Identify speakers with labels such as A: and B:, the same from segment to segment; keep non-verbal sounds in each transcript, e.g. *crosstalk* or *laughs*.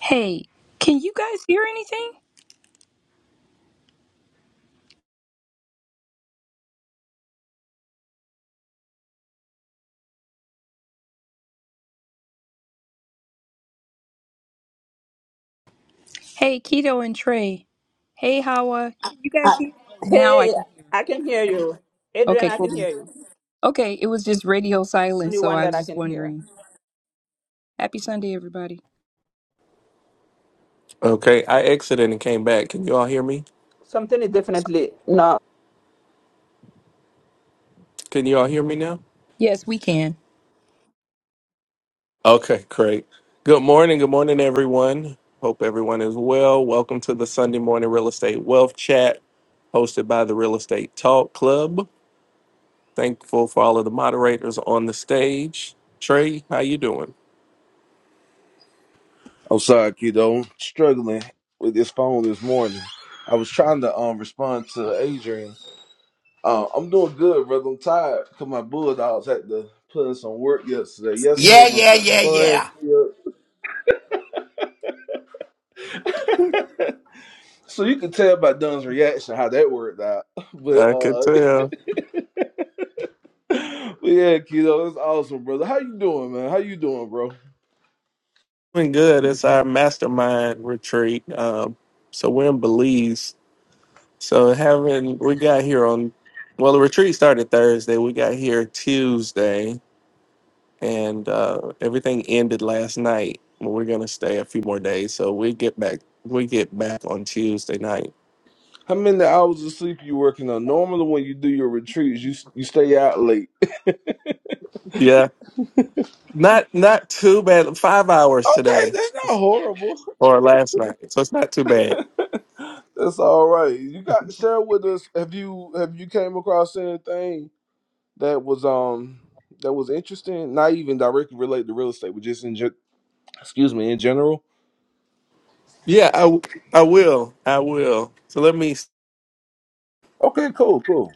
A: Hey, can you guys hear anything? Hey, Keto and Trey. Hey, Hawa. Can you guys
B: Uh,
A: hear? Oh, now I
B: hey,
A: can hear.
B: I can hear
A: Okay.
B: you. Adrian,
A: Okay,
B: I
A: cool.
B: can
A: beans.
B: hear you.
A: Okay, it was just radio
B: Only
A: silence, so
B: one
A: I
B: that
A: was
B: I
A: just
B: can hear.
A: wondering. Happy Sunday, everybody.
C: Okay, I exited and came back. Can you all hear me?
B: Something is definitely no.
C: Can you all hear me now?
A: Yes, we can.
C: Okay, great. Good morning. Good morning, everyone. Hope everyone is well. Welcome to the Sunday Morning Real Estate Wealth Chat hosted by the Real Estate Talk Club. Thankful for all of the moderators on the stage. Trey, how you doing?
D: I'm sorry, kiddo. Struggling with this phone this morning. I was trying to um respond to Adrian. Uh, I'm doing good, brother. I'm tired because my Bulldogs had to put in some work yesterday. Yesterday
E: Yeah,
D: was
E: yeah,
D: a
E: yeah,
D: fun.
E: yeah.
D: field- So you can tell by Dunn's reaction how that worked out. *laughs* But
C: I could
D: uh, *laughs*
C: tell.
D: but yeah, kiddo, it's awesome, brother. How you doing, man? How you doing, bro?
C: Doing good. It's our mastermind retreat. Um, so we're in Belize So having we got here on well the retreat started Thursday. We got here Tuesday and uh everything ended last night. We're gonna stay a few more days. So we get back we get back on Tuesday night.
D: How many hours of sleep you working on? Normally, when you do your retreats, you you stay out late.
C: Yeah. Not not too bad. Five hours
D: Okay,
C: today
D: that's not horrible.
C: or last night. So it's not too bad.
D: That's all right. You got share with us. Have you have you came across anything that was um that was interesting? Not even directly related to real estate, but just in ge- excuse me in general.
C: Yeah, I w- I will. I will. So let me
D: Okay, cool, cool.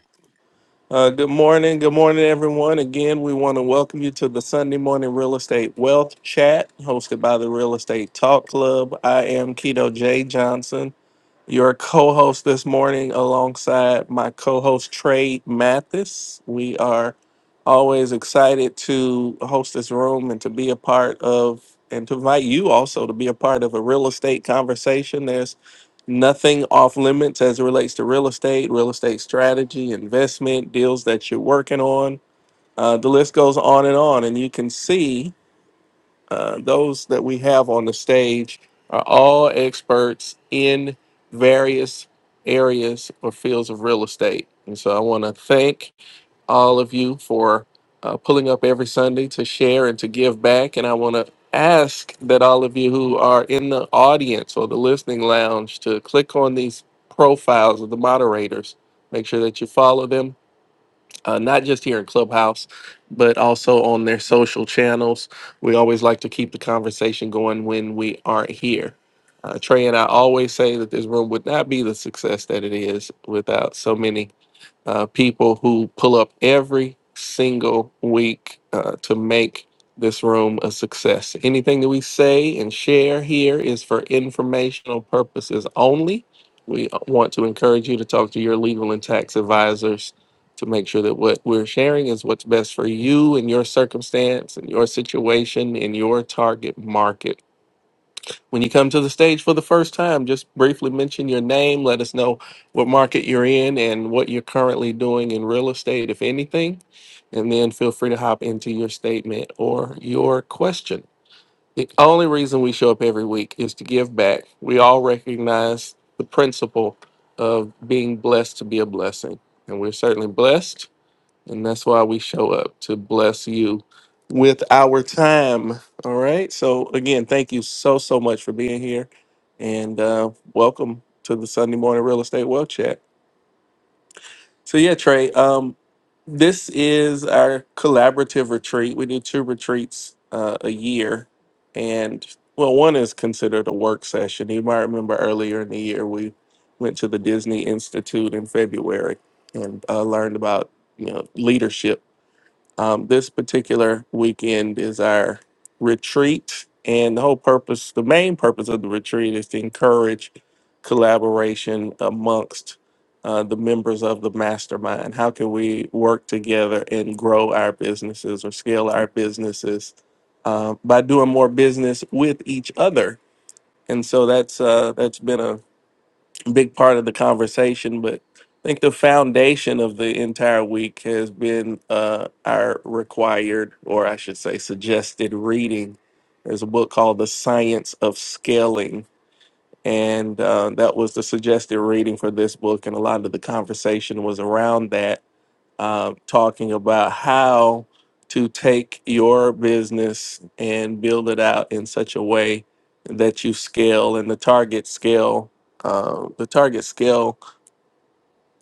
C: Uh, good morning. Good morning, everyone. Again, we want to welcome you to the Sunday Morning Real Estate Wealth Chat hosted by the Real Estate Talk Club. I am Keto J. Johnson, your co host this morning, alongside my co host, Trey Mathis. We are always excited to host this room and to be a part of, and to invite you also to be a part of a real estate conversation. There's nothing off limits as it relates to real estate, real estate strategy, investment, deals that you're working on. Uh, the list goes on and on. And you can see uh, those that we have on the stage are all experts in various areas or fields of real estate. And so I want to thank all of you for uh, pulling up every Sunday to share and to give back. And I want to ask that all of you who are in the audience or the listening lounge to click on these profiles of the moderators. Make sure that you follow them, uh, not just here in Clubhouse, but also on their social channels. We always like to keep the conversation going when we aren't here. Uh, Trey and I always say that this room would not be the success that it is without so many uh, people who pull up every single week uh, to make this room a success. Anything that we say and share here is for informational purposes only. We uh, want to encourage you to talk to your legal and tax advisors to make sure that what we're sharing is what's best for you and your circumstance and your situation in your target market. When you come to the stage for the first time, just briefly mention your name. Let us know what market you're in and what you're currently doing in real estate, if anything. And then feel free to hop into your statement or your question. The only reason we show up every week is to give back. We all recognize the principle of being blessed to be a blessing. And we're certainly blessed and that's why we show up to bless you with our time. All right. So, again, thank you so, so much for being here and uh, welcome to the Sunday Morning Real Estate Wealth Chat. So, yeah, Trey, um, this is our collaborative retreat. We do two retreats uh, a year. And, well, one is considered a work session. You might remember earlier in the year, we went to the Disney Institute in February and uh, learned about you know leadership um, this particular weekend is our retreat, and the whole purpose, the main purpose of the retreat is to encourage collaboration amongst uh, the members of the mastermind. How can we work together and grow our businesses or scale our businesses uh, by doing more business with each other? And so that's uh, that's been a big part of the conversation, but I think the foundation of the entire week has been uh, our required, or I should say, suggested reading. There's a book called The Science of Scaling, and uh, that was the suggested reading for this book, and a lot of the conversation was around that uh, talking about how to take your business and build it out in such a way that you scale and the target scale. Uh, the target scale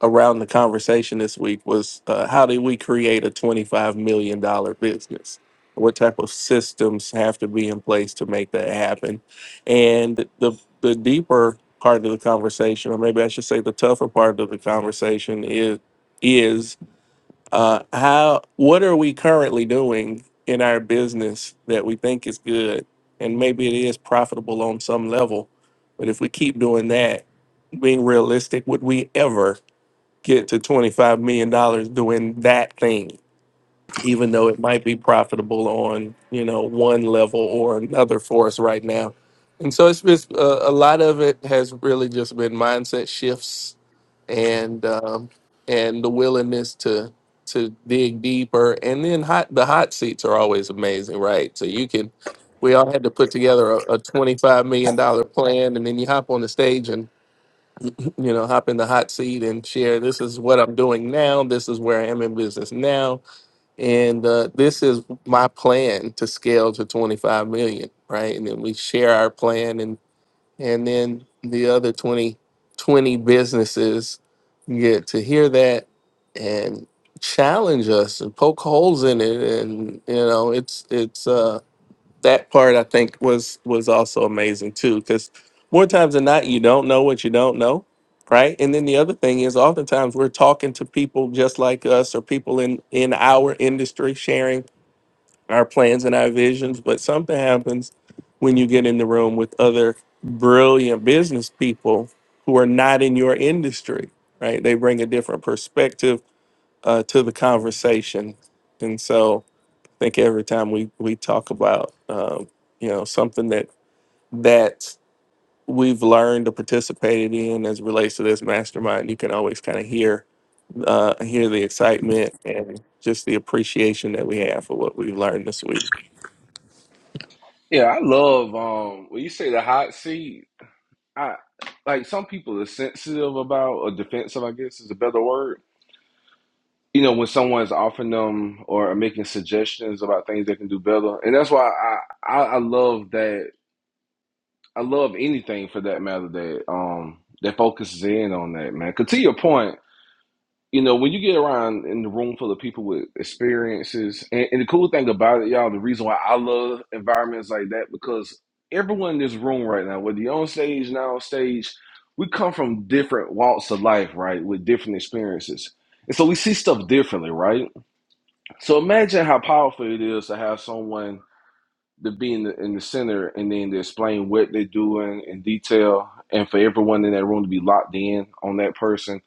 C: around the conversation this week was uh, how do we create a $25 million dollar business? What type of systems have to be in place to make that happen? And the, the deeper part of the conversation, or maybe I should say the tougher part of the conversation, is is uh, how? What are we currently doing in our business that we think is good, and maybe it is profitable on some level, but if we keep doing that, being realistic, would we ever get to twenty five million dollars doing that thing? Even though it might be profitable on you know one level or another for us right now, and so it's just uh, a lot of it has really just been mindset shifts and um, and the willingness to to dig deeper. And then hot the hot seats are always amazing, right? So you can we all had to put together a, a twenty five million dollar plan, and then you hop on the stage and you know hop in the hot seat and share. This is what I'm doing now. This is where I am in business now, and uh, this is my plan to scale to twenty five million, right? And then we share our plan, and and then the other 20, 20 businesses get to hear that and challenge us and poke holes in it and you know it's it's uh that part i think was was also amazing too because more times than not you don't know what you don't know right and then the other thing is oftentimes we're talking to people just like us or people in in our industry sharing our plans and our visions, but something happens when you get in the room with other brilliant business people who are not in your industry, right? They bring a different perspective uh, to the conversation. And so I think every time we, we talk about, um, you know, something that, that we've learned or participated in as it relates to this mastermind, you can always kind of hear, uh, hear the excitement and just the appreciation that we have for what we've learned this week.
D: Yeah, I love um when you say the hot seat, I like some people are sensitive about or defensive, I guess is a better word. You know, when someone's offering them or making suggestions about things they can do better. And that's why I I, I love that I love anything for that matter that um that focuses in on that man. 'Cause to your point, you know, when you get around in the room full of people with experiences, and, and the cool thing about it, y'all, the reason why I love environments like that because everyone in this room right now, whether you're on stage, now on stage, we come from different walks of life, right, with different experiences, and so we see stuff differently, right. So imagine how powerful it is to have someone to be in the, in the center and then to explain what they're doing in detail and for everyone in that room to be locked in on that person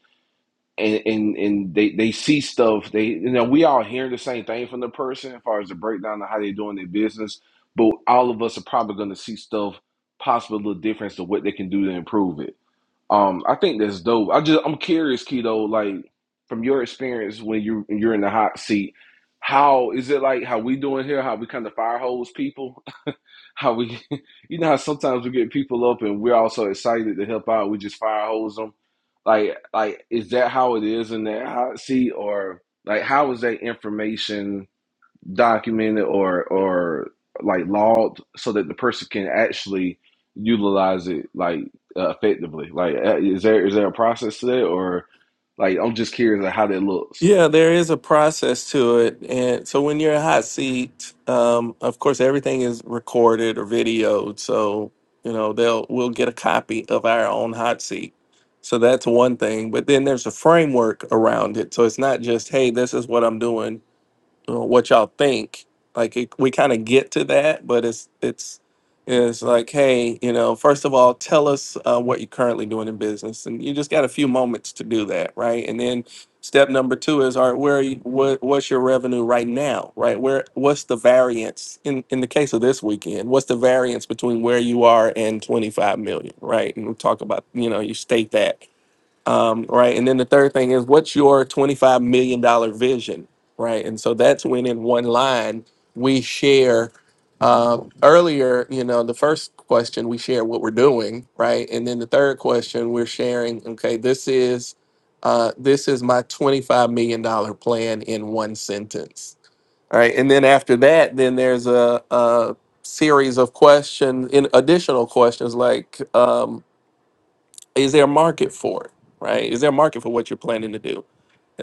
D: and and, and they, they see stuff they you know we all hear the same thing from the person as far as the breakdown of how they're doing their business but all of us are probably going to see stuff possible little difference to what they can do to improve it um i think that's dope i just i'm curious keto like from your experience when you you're in the hot seat how is it like how we doing here how we kind of fire hose people how we *laughs* you know how sometimes we get people up and we're also excited to help out we just fire hose them like like is that how it is in that hot seat or like how is that information documented or or like logged so that the person can actually utilize it like uh, effectively like uh, is there is there a process to that or like i'm just curious of how that looks
C: Yeah, there is a process to it. And so when you're a hot seat, um, of course, everything is recorded or videoed. So, you know, they'll we'll get a copy of our own hot seat. So that's one thing. But then there's a framework around it. So it's not just, hey, this is what I'm doing you what y'all think. Like it, we kind of get to that, but it's it's it's like, hey, you know, first of all, tell us uh, what you're currently doing in business, and you just got a few moments to do that, right? And then step number two is, all right, where are you, what what's your revenue right now, right? Where what's the variance in in the case of this weekend? What's the variance between where you are and 25 million, right? And we talk about, you know, you state that um, right? And then the third thing is, what's your $25 million dollar vision, right? And so that's when in one line we share. Uh, earlier, you know, the first question we share what we're doing, right? And then the third question we're sharing, okay, this is uh, this is my $25 million dollar plan in one sentence. All right. And then after that, then there's a, a series of questions, in additional questions like, um, is there a market for it right is there a market for what you're planning to do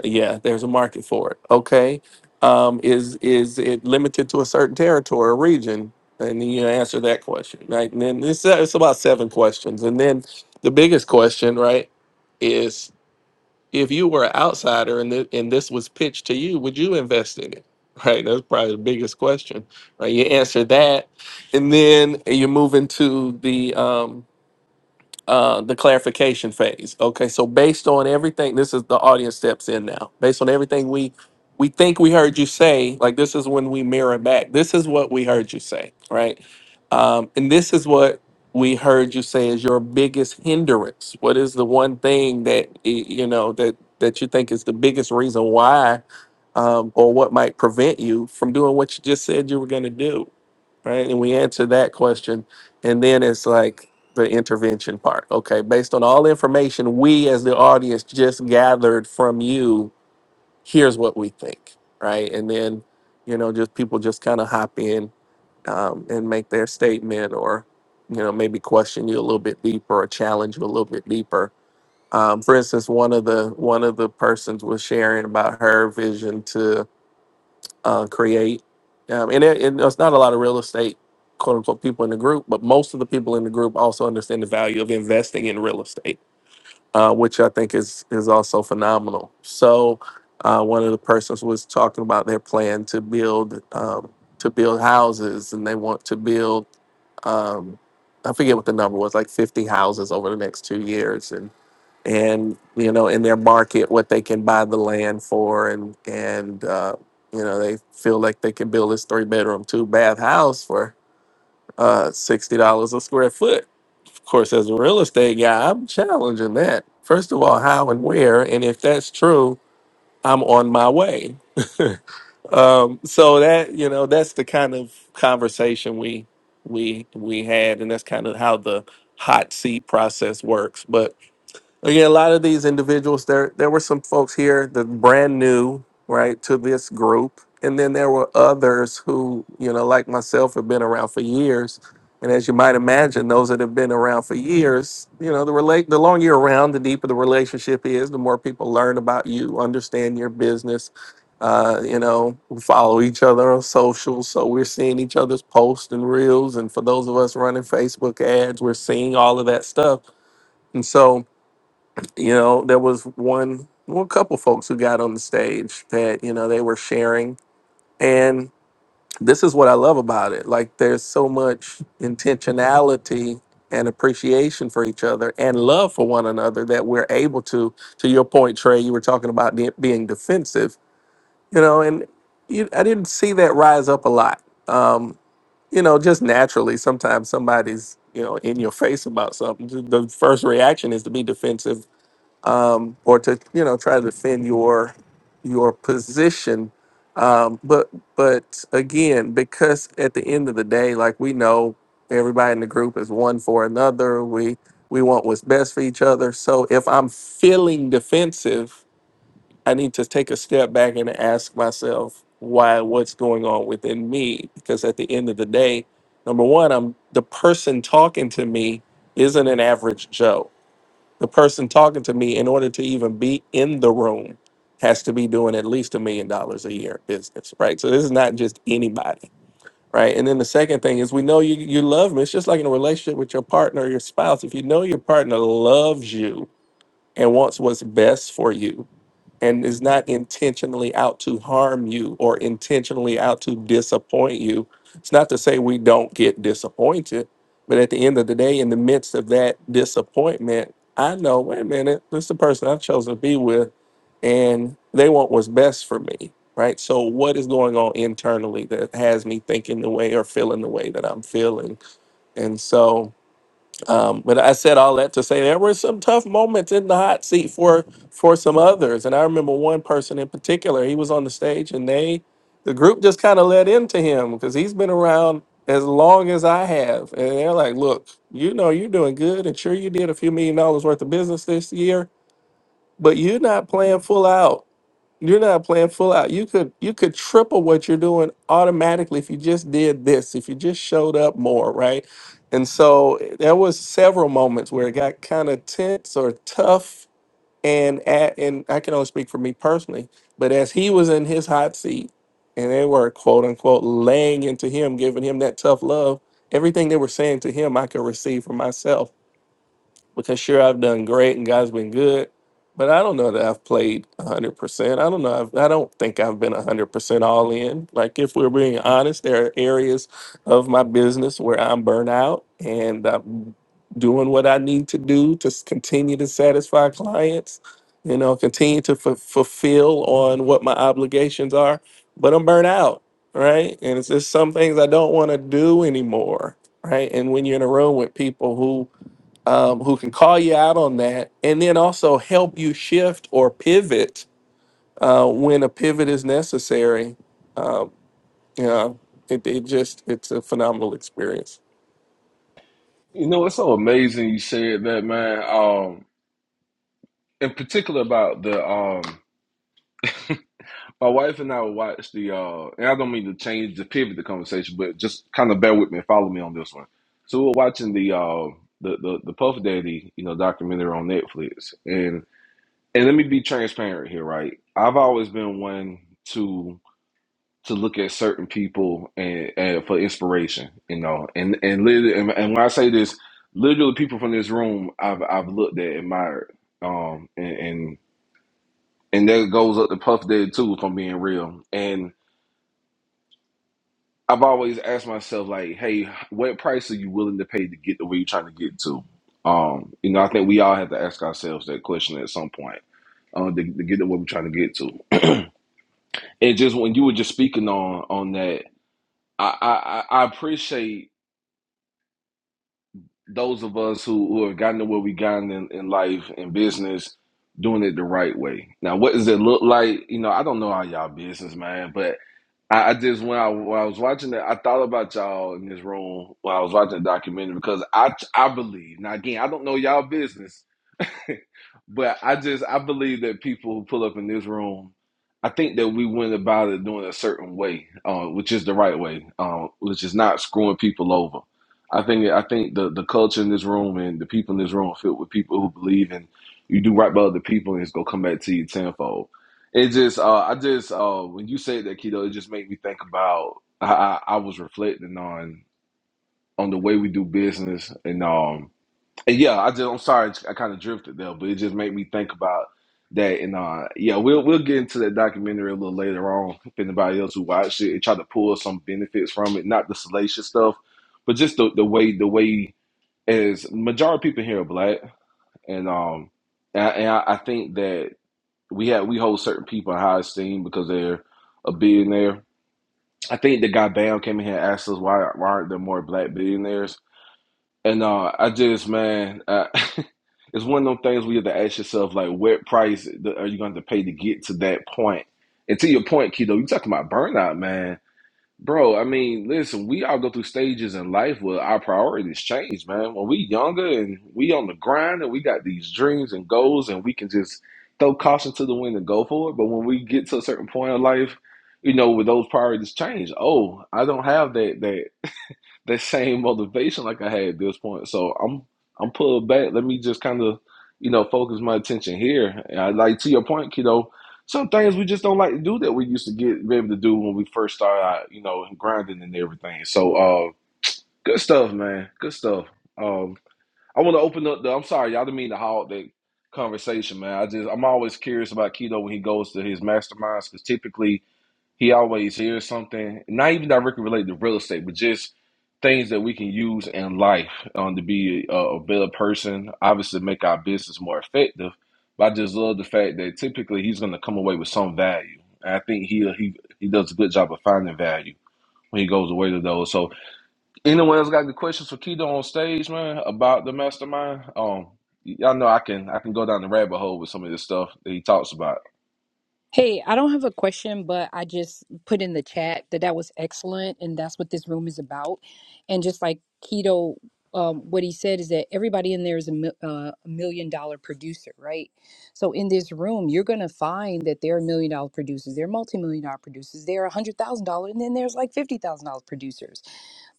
C: yeah there's a market for it okay um, is is it limited to a certain territory or region and then you answer that question right and then it's it's about seven questions and then the biggest question right is if you were an outsider and, th- and this was pitched to you would you invest in it *laughs* right that's probably the biggest question right you answer that and then you move into the um, uh, the clarification phase. Okay, so based on everything, this is the audience steps in now. Based on everything we we think we heard you say, like this is when we mirror back. This is what we heard you say, right? Um, and this is what we heard you say is your biggest hindrance. What is the one thing that y- you know that that you think is the biggest reason why, um, or what might prevent you from doing what you just said you were going to do? right? And we answer that question. And then it's like the intervention part. Okay, based on all the information we as the audience just gathered from you, here's what we think, right? And then, you know, just people just kind of hop in um, and make their statement or, you know, maybe question you a little bit deeper or challenge you a little bit deeper. Um, for instance, one of the one of the persons was sharing about her vision to uh, create. Um, and it, it, it's not a lot of real estate, quote unquote, people in the group, but most of the people in the group also understand the value of investing in real estate, uh, which I think is is also phenomenal. So, uh, one of the persons was talking about their plan to build um, to build houses, and they want to build. Um, I forget what the number was, like 50 houses over the next two years, and and you know in their market what they can buy the land for and and uh, you know they feel like they can build this three bedroom two bath house for uh, $60 a square foot of course as a real estate guy i'm challenging that first of all how and where and if that's true i'm on my way *laughs* um, so that you know that's the kind of conversation we we we had and that's kind of how the hot seat process works but Again, a lot of these individuals, there there were some folks here that brand new, right, to this group. And then there were others who, you know, like myself, have been around for years. And as you might imagine, those that have been around for years, you know, the relate the longer you're around, the deeper the relationship is, the more people learn about you, understand your business, uh, you know, we follow each other on social. So we're seeing each other's posts and reels. And for those of us running Facebook ads, we're seeing all of that stuff. And so you know, there was one, well, a couple folks who got on the stage that, you know, they were sharing. And this is what I love about it. Like, there's so much intentionality and appreciation for each other and love for one another that we're able to, to your point, Trey, you were talking about de- being defensive, you know, and you, I didn't see that rise up a lot. Um, you know, just naturally, sometimes somebody's, you know, in your face about something. The the first reaction is to be defensive um, or to you know try to defend your your position. Um, but but again, because at the end of the day, like we know, everybody in the group is one for another. We we want what's best for each other. So if I'm feeling defensive, I need to take a step back and ask myself why what's going on within me. Because at the end of the day, number one, I'm the person talking to me isn't an average Joe the person talking to me, in order to even be in the room, has to be doing at least a million dollars a year business, right? So this is not just anybody, right? And then the second thing is we know you you love me. It's just like in a relationship with your partner or your spouse. If you know your partner loves you and wants what's best for you, and is not intentionally out to harm you or intentionally out to disappoint you. It's not to say we don't get disappointed, but at the end of the day, in the midst of that disappointment, I know, wait a minute, this is the person I've chosen to be with, and they want what's best for me, right? So, what is going on internally that has me thinking the way or feeling the way that I'm feeling? And so, um, but I said all that to say there were some tough moments in the hot seat for for some others, and I remember one person in particular. He was on the stage, and they, the group, just kind of let into him because he's been around as long as I have, and they're like, "Look, you know, you're doing good, and sure, you did a few million dollars worth of business this year, but you're not playing full out." You're not playing full out. You could you could triple what you're doing automatically if you just did this, if you just showed up more, right? And so there was several moments where it got kind of tense or tough and at, and I can only speak for me personally, but as he was in his hot seat and they were quote unquote laying into him, giving him that tough love, everything they were saying to him I could receive for myself because sure I've done great and God's been good, but I don't know that I've played 100%. I don't know. I've, I don't think I've been 100% all in. Like if we're being honest, there are areas of my business where I'm burnt out and I'm doing what I need to do to s- continue to satisfy clients, you know, continue to f- fulfill on what my obligations are, but I'm burnt out, right? And it's just some things I don't want to do anymore, right? And when you're in a room with people who um, who can call you out on that and then also help you shift or pivot uh, when a pivot is necessary. You know, it, it just, it's a phenomenal experience.
D: you know it's so amazing you said that man um in particular about the um My wife and I will watch the, uh, and I don't mean to change the pivot the conversation, but just kind of bear with me and follow me on this one. So we're watching the, uh, the the the Puff Daddy, you know, documentary on Netflix, and and let me be transparent here, right? I've always been one to to look at certain people and, and for inspiration, you know, and and literally, and, and when I say this, literally, people from this room, I've I've looked at, admired, um, and and, and that goes up to Puff Daddy too, if I'm being real, and. I've always asked myself, like, hey, what price are you willing to pay to get to where you're trying to get to? Um, you know, I think we all have to ask ourselves that question at some point um, to, to get to where we're trying to get to. And just when you were just speaking on on that, I I, I I appreciate those of us who, who have gotten to where we gotten in, in life and business doing it the right way. Now, what does it look like? You know, I don't know how y'all business, man, but I, I just when I when I was watching it, I thought about y'all in this room when I was watching the documentary because I I believe now again I don't know y'all business, *laughs* But I just I believe that people who pull up in this room, I think that we went about it doing a certain way, uh, which is the right way, uh, which is not screwing people over. I think I think the the culture in this room and the people in this room are filled with people who believe in you do right by other people and it's gonna come back to you tenfold. It just uh, I just uh, when you said that keto, it just made me think about I, I I was reflecting on on the way we do business and um and yeah, I just I'm sorry I kind of drifted there, but it just made me think about that. And uh, yeah, we'll we'll get into that documentary a little later on. If anybody else who watched it and try to pull some benefits from it, not the salacious stuff, but just the, the way the way as majority of people here are black, and um, and I, and I I think that we have we hold certain people in high esteem because they're a billionaire. I think the guy Bam came in here and asked us why, why aren't there more black billionaires and uh, I just, man, uh, *laughs* it's one of them things where you have to ask yourself, like, what price th- are you going to pay to get to that point? And to your point, Kido, you talking about burnout, man. Bro, I mean, listen, we all go through stages in life where our priorities change, man. When we younger and we on the grind and we got these dreams and goals and we can just throw caution to the wind and go for it. But when we get to a certain point in life, you know, with those priorities change, oh, I don't have that that that same motivation like I had at this point. So I'm I'm pulled back. Let me just kind of, you know, focus my attention here. And I like to your point, kiddo. Some things we just don't like to do that we used to get be able to do when we first started out, you know, and grinding and everything. So uh good stuff, man. Good stuff. Um I wanna open up the I'm sorry, y'all didn't mean to hog that conversation, man. I just I'm always curious about Keto when he goes to his masterminds because typically he always hears something, not even directly related to real estate, but just things that we can use in life um, to be a, a better person, obviously make our business more effective. But I just love the fact that typically he's going to come away with some value. And I think he he he does a good job of finding value when he goes away to those. So anyone else got the questions for Keto on stage, man, about the mastermind? Um, y'all know I can I can go down the rabbit hole with some of this stuff that he talks about.
A: Hey, I don't have a question, but I just put in the chat that that was excellent, and that's what this room is about. And just like Keto, um, what he said is that everybody in there is a, mil- uh, a million dollar producer, right? So in this room, you're gonna find that there are million dollar producers, there are multi million dollar producers, there are a hundred thousand dollar, and then there's like fifty thousand dollar producers.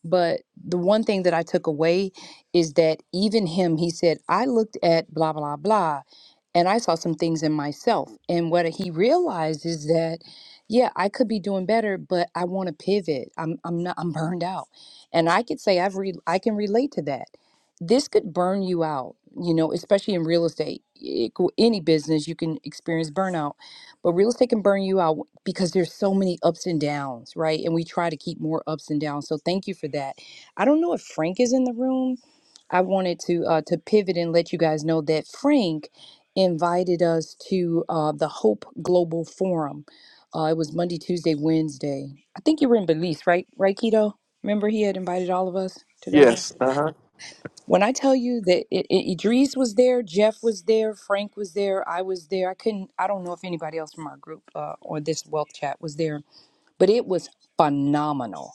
A: But the one thing that I took away is that even him, he said, I looked at blah, blah, blah, and I saw some things in myself. And what he realized is that, yeah, I could be doing better, but I want to pivot. I'm, I'm not, I'm burned out. And I could say I've, re- I can relate to that. This could burn you out, you know, especially in real estate, It could- any business, you can experience burnout but real estate can burn you out because there's so many ups and downs, right? And we try to keep more ups and downs. So thank you for that. I don't know if Frank is in the room. I wanted to uh, to pivot and let you guys know that Frank invited us to uh, the Hope Global Forum. Uh, it was Monday, Tuesday, Wednesday. I think you were in Belize, right? Right, Keto? Remember he had invited all of us to go there?
C: Yes. Uh huh.
A: When I tell you that it, it, Idris was there, Jeff was there, Frank was there, I was there. I couldn't. I don't know if anybody else from our group uh, or this wealth chat was there, but it was phenomenal.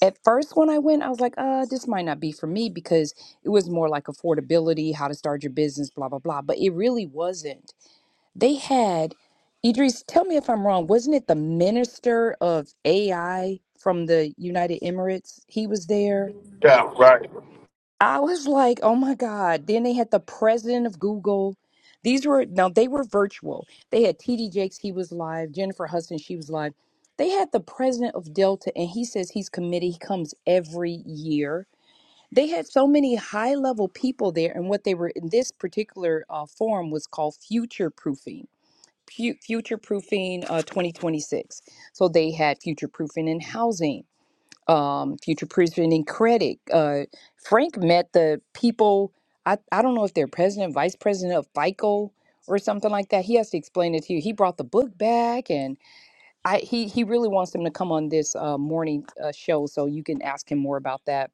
A: At first, when I went, I was like, "Uh, this might not be for me," because it was more like affordability, how to start your business, blah blah blah. But it really wasn't. They had Idris. Tell me if I'm wrong. Wasn't it the minister of AI from the United Emirates? He was there.
F: Yeah, right.
A: I was like, oh my God. Then they had the president of Google. These were now they were virtual. They had TD Jakes, he was live, Jennifer Hudson, she was live. They had the president of Delta, and he says he's committed. He comes every year. They had so many high level people there, and what they were in this particular uh, forum was called future proofing. Future proofing uh, 2026. So they had future proofing in housing um, future presenting credit. Uh, Frank met the people. I, I don't know if they're president, vice president of FICO or something like that. He has to explain it to you. He brought the book back, and I he he really wants them to come on this uh, morning uh, show so you can ask him more about that.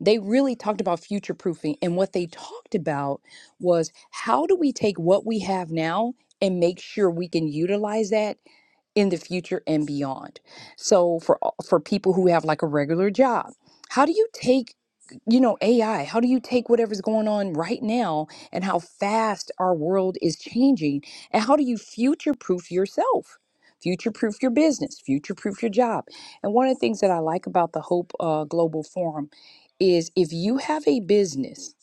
A: They really talked about future proofing, and what they talked about was how do we take what we have now and make sure we can utilize that in the future and beyond. So for for people who have like a regular job, how do you take you know AI? How do you take whatever's going on right now and how fast our world is changing and how do you future proof yourself? Future proof your business, future proof your job. And one of the things that I like about the Hope uh, Global Forum is if you have a business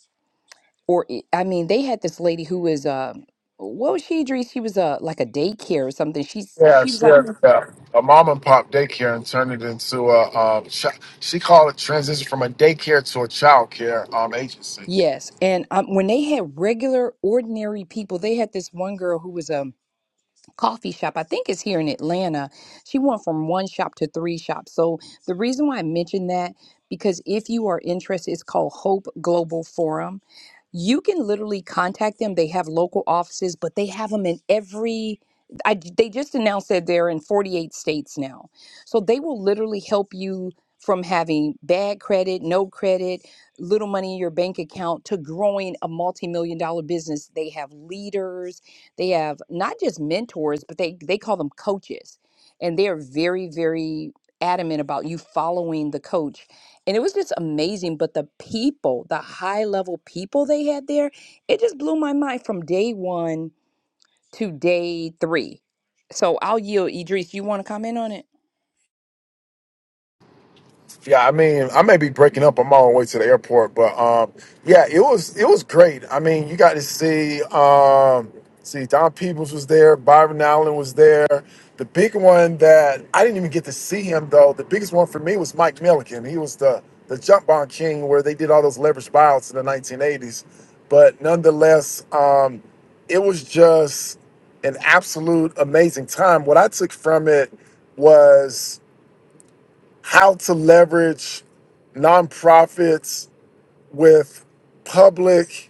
A: or i I mean they had this lady who was uh what was she Idris? She was uh like a daycare or something. She's she
F: Yes,
A: was like
F: yes, yeah. A mom and pop daycare and turned it into a um. Ch- she called it transition from a daycare to a child care um agency.
A: Yes, and um, when they had regular, ordinary people, they had this one girl who was um coffee shop. I think it's here in Atlanta. She went from one shop to three shops. So the reason why I mentioned that because if you are interested, it's called Hope Global Forum. You can literally contact them. They have local offices, but they have them in every. I, they just announced that they're in 48 states now. So they will literally help you from having bad credit, no credit, little money in your bank account to growing a multi million dollar business. They have leaders they have not just mentors, but they they call them coaches, and they are very very adamant about you following the coach. And it was just amazing. But the people, the high level people they had there, it just blew my mind from day one to day three. So I'll yield, Idris. You want to comment on it?
F: Yeah, I mean, I may be breaking up. I'm on my way to the airport, but um, yeah, it was it was great. I mean, you got to see um, see Don Peebles was there, Byron Allen was there. The big one that I didn't even get to see him though. The biggest one for me was Mike Milliken. He was the the jump bond king, where they did all those leverage buyouts in the 1980s. But nonetheless, um, it was just an absolute amazing time. What I took from it was how to leverage nonprofits with public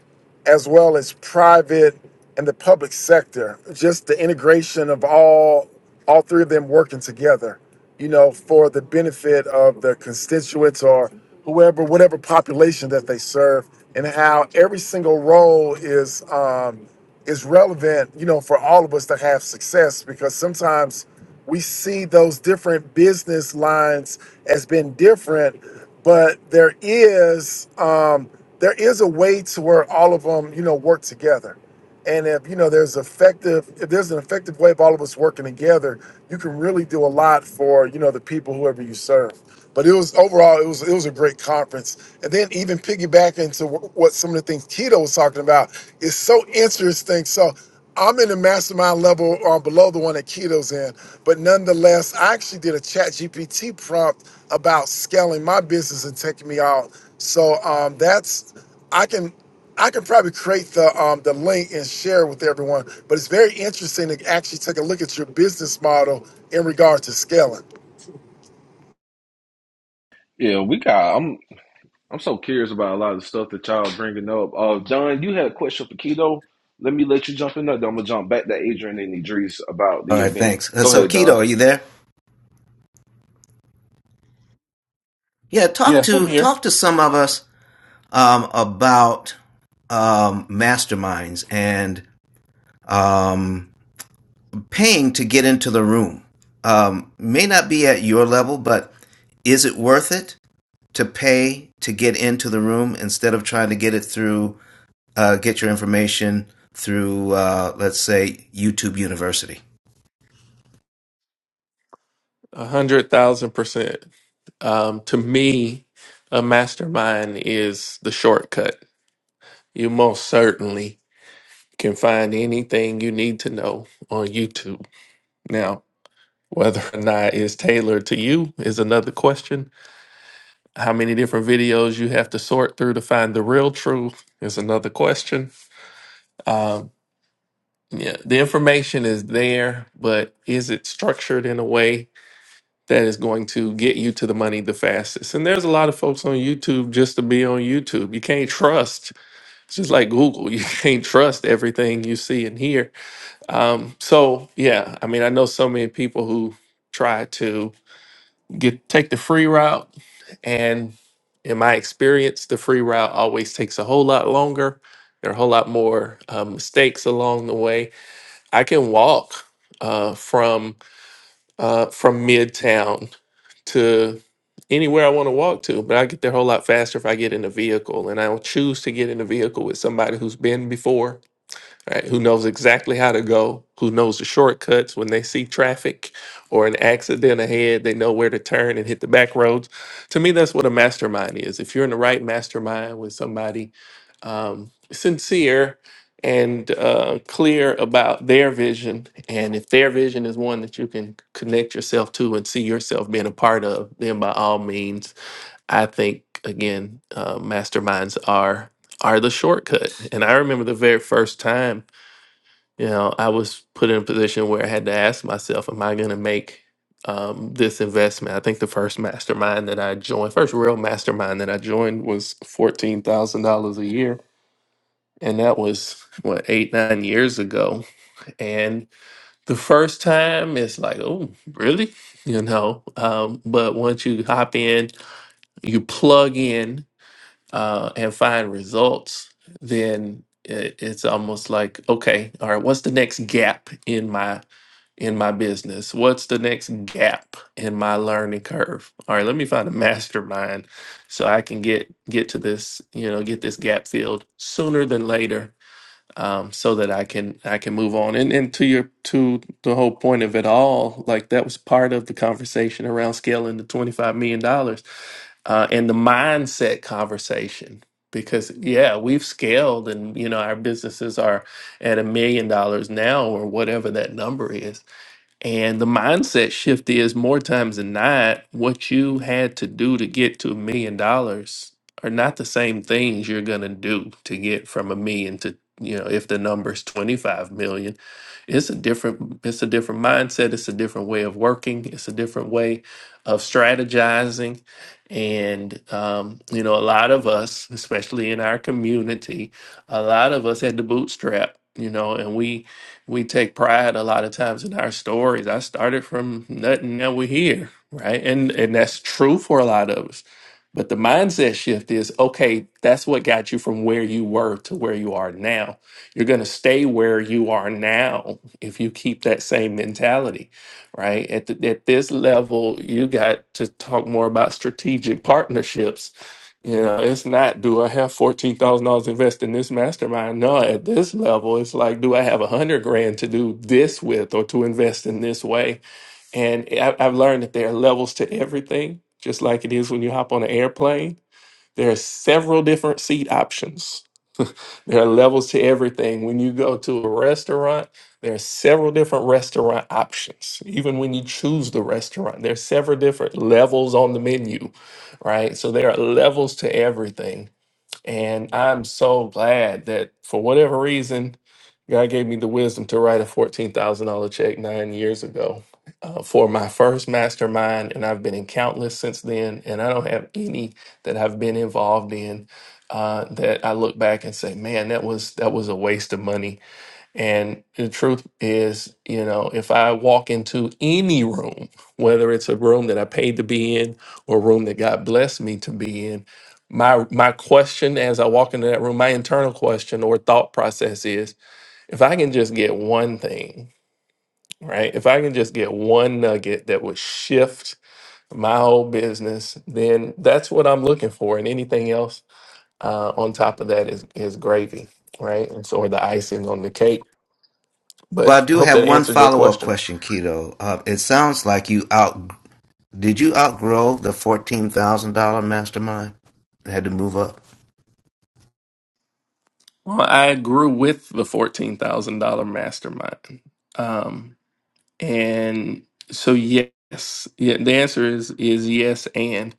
F: as well as private and the public sector. Just the integration of all all three of them working together, you know, for the benefit of the constituents or whoever, whatever population that they serve, and how every single role is um, is relevant, you know, for all of us to have success. Because sometimes we see those different business lines as being different, but there is. Um, there is a way to where all of them, you know, work together. And if you know there's effective, if there's an effective way of all of us working together, you can really do a lot for you know the people whoever you serve. But it was overall, it was it was a great conference. And then even piggybacking to wh- what some of the things Keto was talking about is so interesting. So I'm in the mastermind level or below the one that Keto's in, but nonetheless, I actually did a chat GPT prompt about scaling my business and taking me out. So um, that's I can I can probably create the um, the link and share with everyone. But it's very interesting to actually take a look at your business model in regard to scaling.
D: Yeah, we got. I'm I'm so curious about a lot of the stuff that y'all bringing up. Uh, John, you had a question for Keto. Let me let you jump in there. Then I'm gonna jump back to Adrian and Idris about
E: All
D: the
E: right,
D: event.
E: thanks. Uh,
D: Go
E: So,
D: ahead,
E: Keto,
D: Don.
E: are you there? Yeah, talk
C: Yes, I'm
E: to
C: here.
E: talk to some of us um, about um, masterminds and um, paying to get into the room. Um, may not be at your level, but is it worth it to pay to get into the room instead of trying to get it through uh, get your information through uh, let's say YouTube University?
C: A hundred thousand percent. Um, to me, a mastermind is the shortcut. You most certainly can find anything you need to know on YouTube. Now, whether or not it's tailored to you is another question How many different videos you have to sort through to find the real truth is another question. Um, yeah, the information is there, but is it structured in a way that is going to get you to the money the fastest? And there's a lot of folks on YouTube just to be on YouTube. You can't trust. It's just like Google. You *laughs* can't trust everything you see and hear. Um, so yeah, I mean, I know so many people who try to get take the free route and in my experience the free route always takes a whole lot longer there are a whole lot more uh, mistakes along the way i can walk uh, from uh, from midtown to anywhere i want to walk to but i get there a whole lot faster if i get in a vehicle and i'll choose to get in a vehicle with somebody who's been before right? Who knows exactly how to go, who knows the shortcuts when they see traffic or an accident ahead, they know where to turn and hit the back roads. To me, that's what a mastermind is. If you're in the right mastermind with somebody um, sincere and uh, clear about their vision, and if their vision is one that you can connect yourself to and see yourself being a part of, then by all means, I think again, uh, masterminds are are the shortcut. And I remember the very first time you know, I was put in a position where I had to ask myself, am I going to make um, this investment? I think the first mastermind that I joined, first real mastermind that I joined was $14,000 a year. And that was, what, eight, nine years ago. And the first time, it's like, oh, really? *laughs* You know, um, but once you hop in, you plug in uh, and find results, then it, it's almost like, okay, all right, what's the next gap in my in my business? What's the next gap in my learning curve? All right, let me find a *laughs* mastermind so I can get get to this, you know, get this gap filled sooner than later um, so that I can I can move on. And and to your to the whole point of it all, like that was part of the conversation around scaling the twenty five million dollars uh, and the mindset conversation. Because yeah, we've scaled, and you know our businesses are at a million dollars now, or whatever that number is. And the mindset shift is more times than not, what you had to do to get to a million dollars are not the same things you're going to do to get from a million to, you know, if the number's 25 million. It's a different it's a different mindset, it's a different way of working, it's a different way of strategizing. And um, you know, a lot of us, especially in our community, a lot of us had to bootstrap, you know, and we we take pride a lot of times in our stories. I started from nothing, now we're here, right? And and that's true for a lot of us. But the mindset shift is okay, that's what got you from where you were to where you are now. You're gonna stay where you are now if you keep that same mentality, right? At the, at this level, you got to talk more about strategic partnerships you know, it's not, do I have $14,000 invested in this mastermind? No, at this level, it's like, do I have a hundred grand to do this with or to invest in this way? And I- I've learned that there are levels to everything, just like it is when you hop on an airplane. There are several different seat options. There are levels to everything. When you go to a restaurant, there are several different restaurant options. Even when you choose the restaurant, there are several different levels on the menu, right? So there are levels to everything and I'm so glad that for whatever reason, God gave me the wisdom to write a $14,000 check nine years ago uh, for my first mastermind. And I've been in countless since then. And I don't have any that I've been involved in. Uh, that I look back and say, man, that was that was a waste of money and the truth is, you know, if I walk into any room, whether it's a room that I paid to be in or a room that God blessed me to be in, my my question as I walk into that room, my internal question or thought process is, if I can just get one thing, right? If I can just get one nugget that would shift my whole business, then that's what I'm looking for. And anything else uh, on top of that is is gravy, right? And so or the icing on the cake but
E: Well, I
C: I
E: do
C: hope
E: have
C: that
E: one
C: answered your
E: follow up
C: question.
E: question, Keto. Uh, it sounds like you out. Did you outgrow the fourteen thousand dollar mastermind? Had to move up.
C: Well, I grew with the fourteen thousand dollar mastermind, um, and so yes, yeah. The answer is is yes, and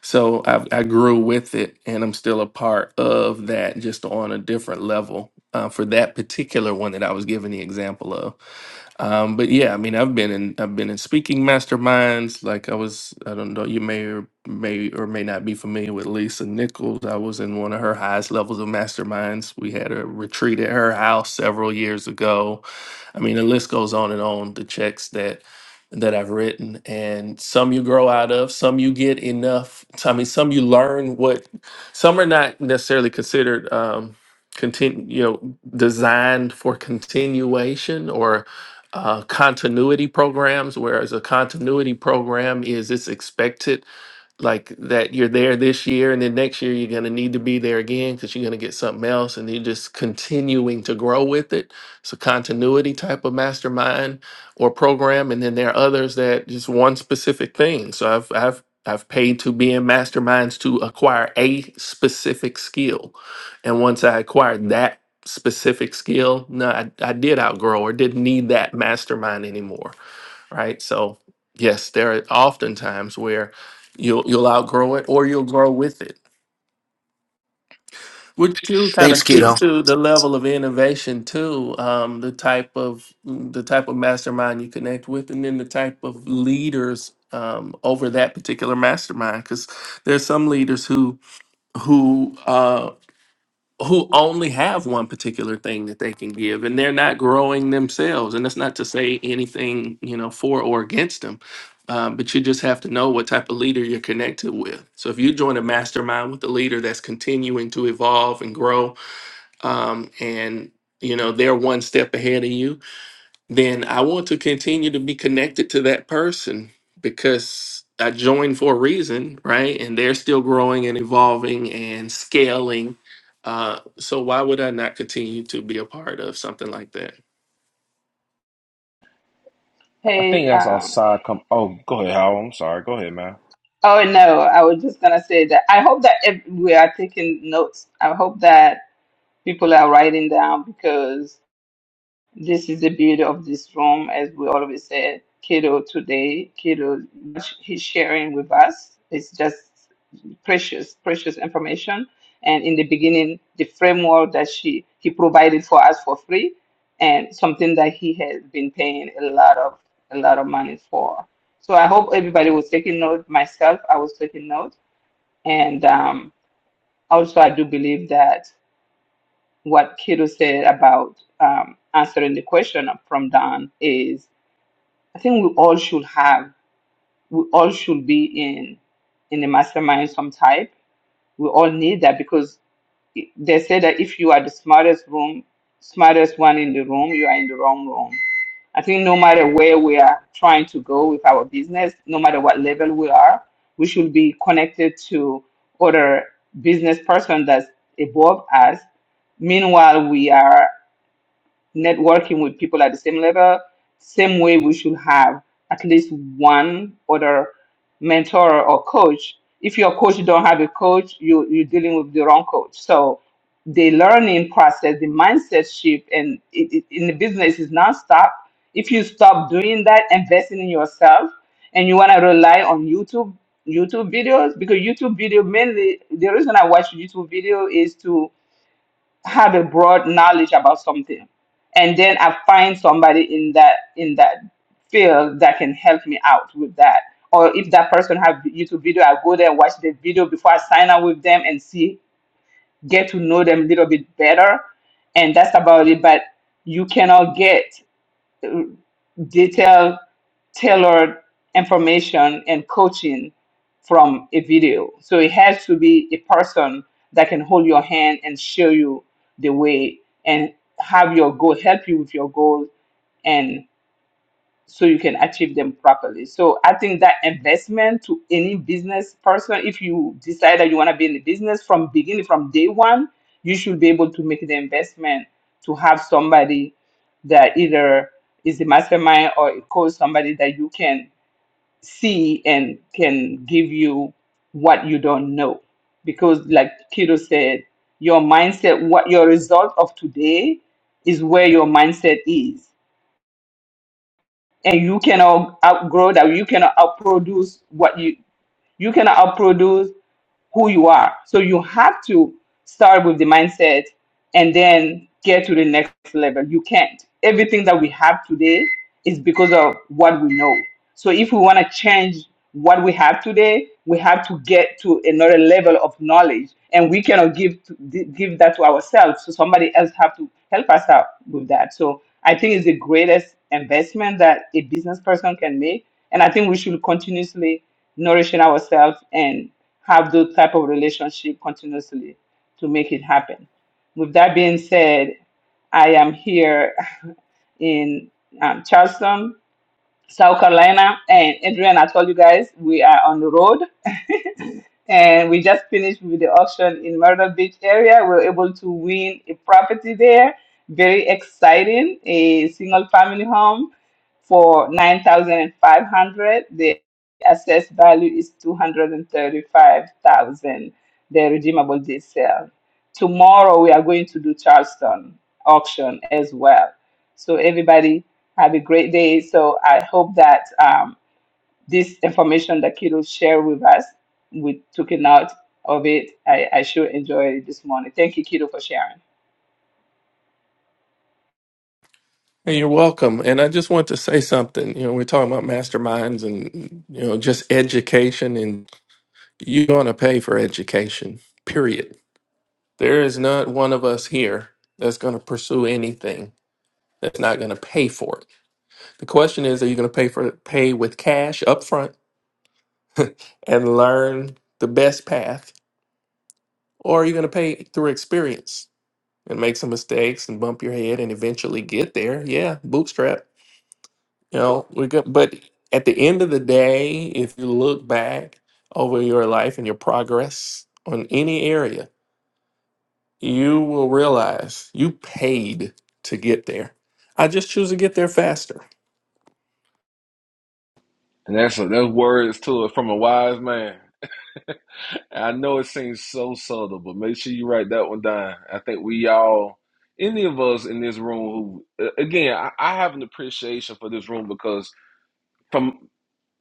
C: so I, I grew with it, and I'm still a part of that, just on a different level uh, for that particular one that I was giving the example of. Um, but yeah, I mean, I've been in I've been in speaking masterminds. Like I was, I don't know, you may or may or may not be familiar with Lisa Nichols. I was in one of her highest levels of masterminds. We had a retreat at her house several years ago. I mean, the list goes on and on. The checks that that I've written, and some you grow out of, some you get enough. I mean, some you learn what. Some are not necessarily considered um, continue. You know, designed for continuation or uh, continuity programs. Whereas a continuity program is it's expected like that you're there this year and then next year you're going to need to be there again because you're going to get something else and you're just continuing to grow with it it's a continuity type of mastermind or program and then there are others that just one specific thing so i've i've i've paid to be in masterminds to acquire a specific skill and once i acquired that specific skill no i, I did outgrow or didn't need that mastermind anymore right? So yes, there are often times where you'll you'll outgrow it or you'll grow with it, which too kind
E: Thanks,
C: of speaks
E: Keto.
C: to the level of innovation too, um, the type of the type of mastermind you connect with, and then the type of leaders um, over that particular mastermind. Because there's some leaders who who uh, who only have one particular thing that they can give and they're not growing themselves and that's not to say anything you know for or against them um, but you just have to know what type of leader you're connected with so if you join a mastermind with a leader that's continuing to evolve and grow um, and you know they're one step ahead of you then I want to continue to be connected to that person because I joined for a reason, right? And they're still growing and evolving and scaling. Uh, so why would I not continue to be a part of something like that?
D: I
B: Hey,
D: think that's
B: um,
D: outside. Com- oh, go ahead, Howell. I'm sorry. Go ahead, man.
B: oh no, I was just gonna say that I hope that if we are taking notes, I hope that people are writing down because This is the beauty of this room, as we always say. Cato today, Cato, he's sharing with us. It's just precious, precious information. And in the beginning, the framework that she he provided for us for free, and something that he has been paying a lot of a lot of money for. So I hope everybody was taking note. Myself, I was taking note, and um, also I do believe that what Kido said about um, answering the question from Don is I think we all should have we all should be in in a mastermind some type. We all need that because it- they say that if you are the smartest room, smartest one in the room, you are in the wrong room. I think no matter where we are trying to go with our business, no matter what level we are, we should be connected to other business person that's above us. Meanwhile, we are networking with people at the same level, same way we should have at least one other mentor or coach. If your coach don't have a coach, you you're dealing with the wrong coach. So the learning process, the mindset shift, and it, it- in the business is nonstop. If you stop doing that, investing in yourself, and you want to rely on YouTube YouTube videos because YouTube video mainly the reason I watch YouTube video is to have a broad knowledge about something and then i find somebody in that in that field that can help me out with that or if that person have youtube video i go there and watch the video before i sign up with them and see get to know them a little bit better and that's about it but you cannot get detailed tailored information and coaching from a video. So it has to be a person that can hold your hand and show you the way and have your goal, help you with your goals, and so you can achieve them properly. So I think that investment to any business person, if you decide that you want to be in the business from beginning, from day one, you should be able to make the investment to have somebody that either is a mastermind or a coach, somebody that you can see and can give you what you don't know. Because, like Kido said, your mindset, what your result of today is where your mindset is. And you cannot outgrow that. You cannot outproduce what you, you cannot outproduce who you are. So you have to start with the mindset and then get to the next level. You can't. Everything that we have today is because of what we know. So if we want to change what we have today, we have to get to another level of knowledge, and we cannot give to, give that to ourselves. So somebody else have to help us out with that. So I think it's the greatest investment that a business person can make, and I think we should continuously nourishing ourselves and have those type of relationship continuously to make it happen. With that being said, I am here *laughs* in um, Charleston South Carolina. And Adrian, I told you guys we are on the road. *laughs* and we just finished with the auction in Myrtle Beach area. We were able to win a property there. Very exciting, a single family home for 9500 The assessed value is 235000 the redeemable deed sale. Tomorrow we are going to do Charleston auction as well. So everybody have a great day. So I hope that um, this information that Kido shared with us, we took it out of it. I, I sure enjoyed it this morning. Thank you, Kido, for sharing.
C: Hey, you're welcome. And I just want to say something. You know, we're talking about masterminds and you know just education, and you're going to pay for education. Period. There is not one of us here that's going to pursue anything that's not going to pay for it The question is, are you going to pay for pay with cash up front and learn the best path, or are you going to pay through experience and make some mistakes and bump your head and eventually get there? Yeah, bootstrap. You know, we go, but at the end of the day, if you look back over your life and your progress on any area, you will realize you paid to get there. I just choose to get there faster.
D: And that's that's words to it from a wise man. I know it seems so subtle, but make sure you write that one down. I think we all, any of us in this room, who uh, again, I, I have an appreciation for this room because. from.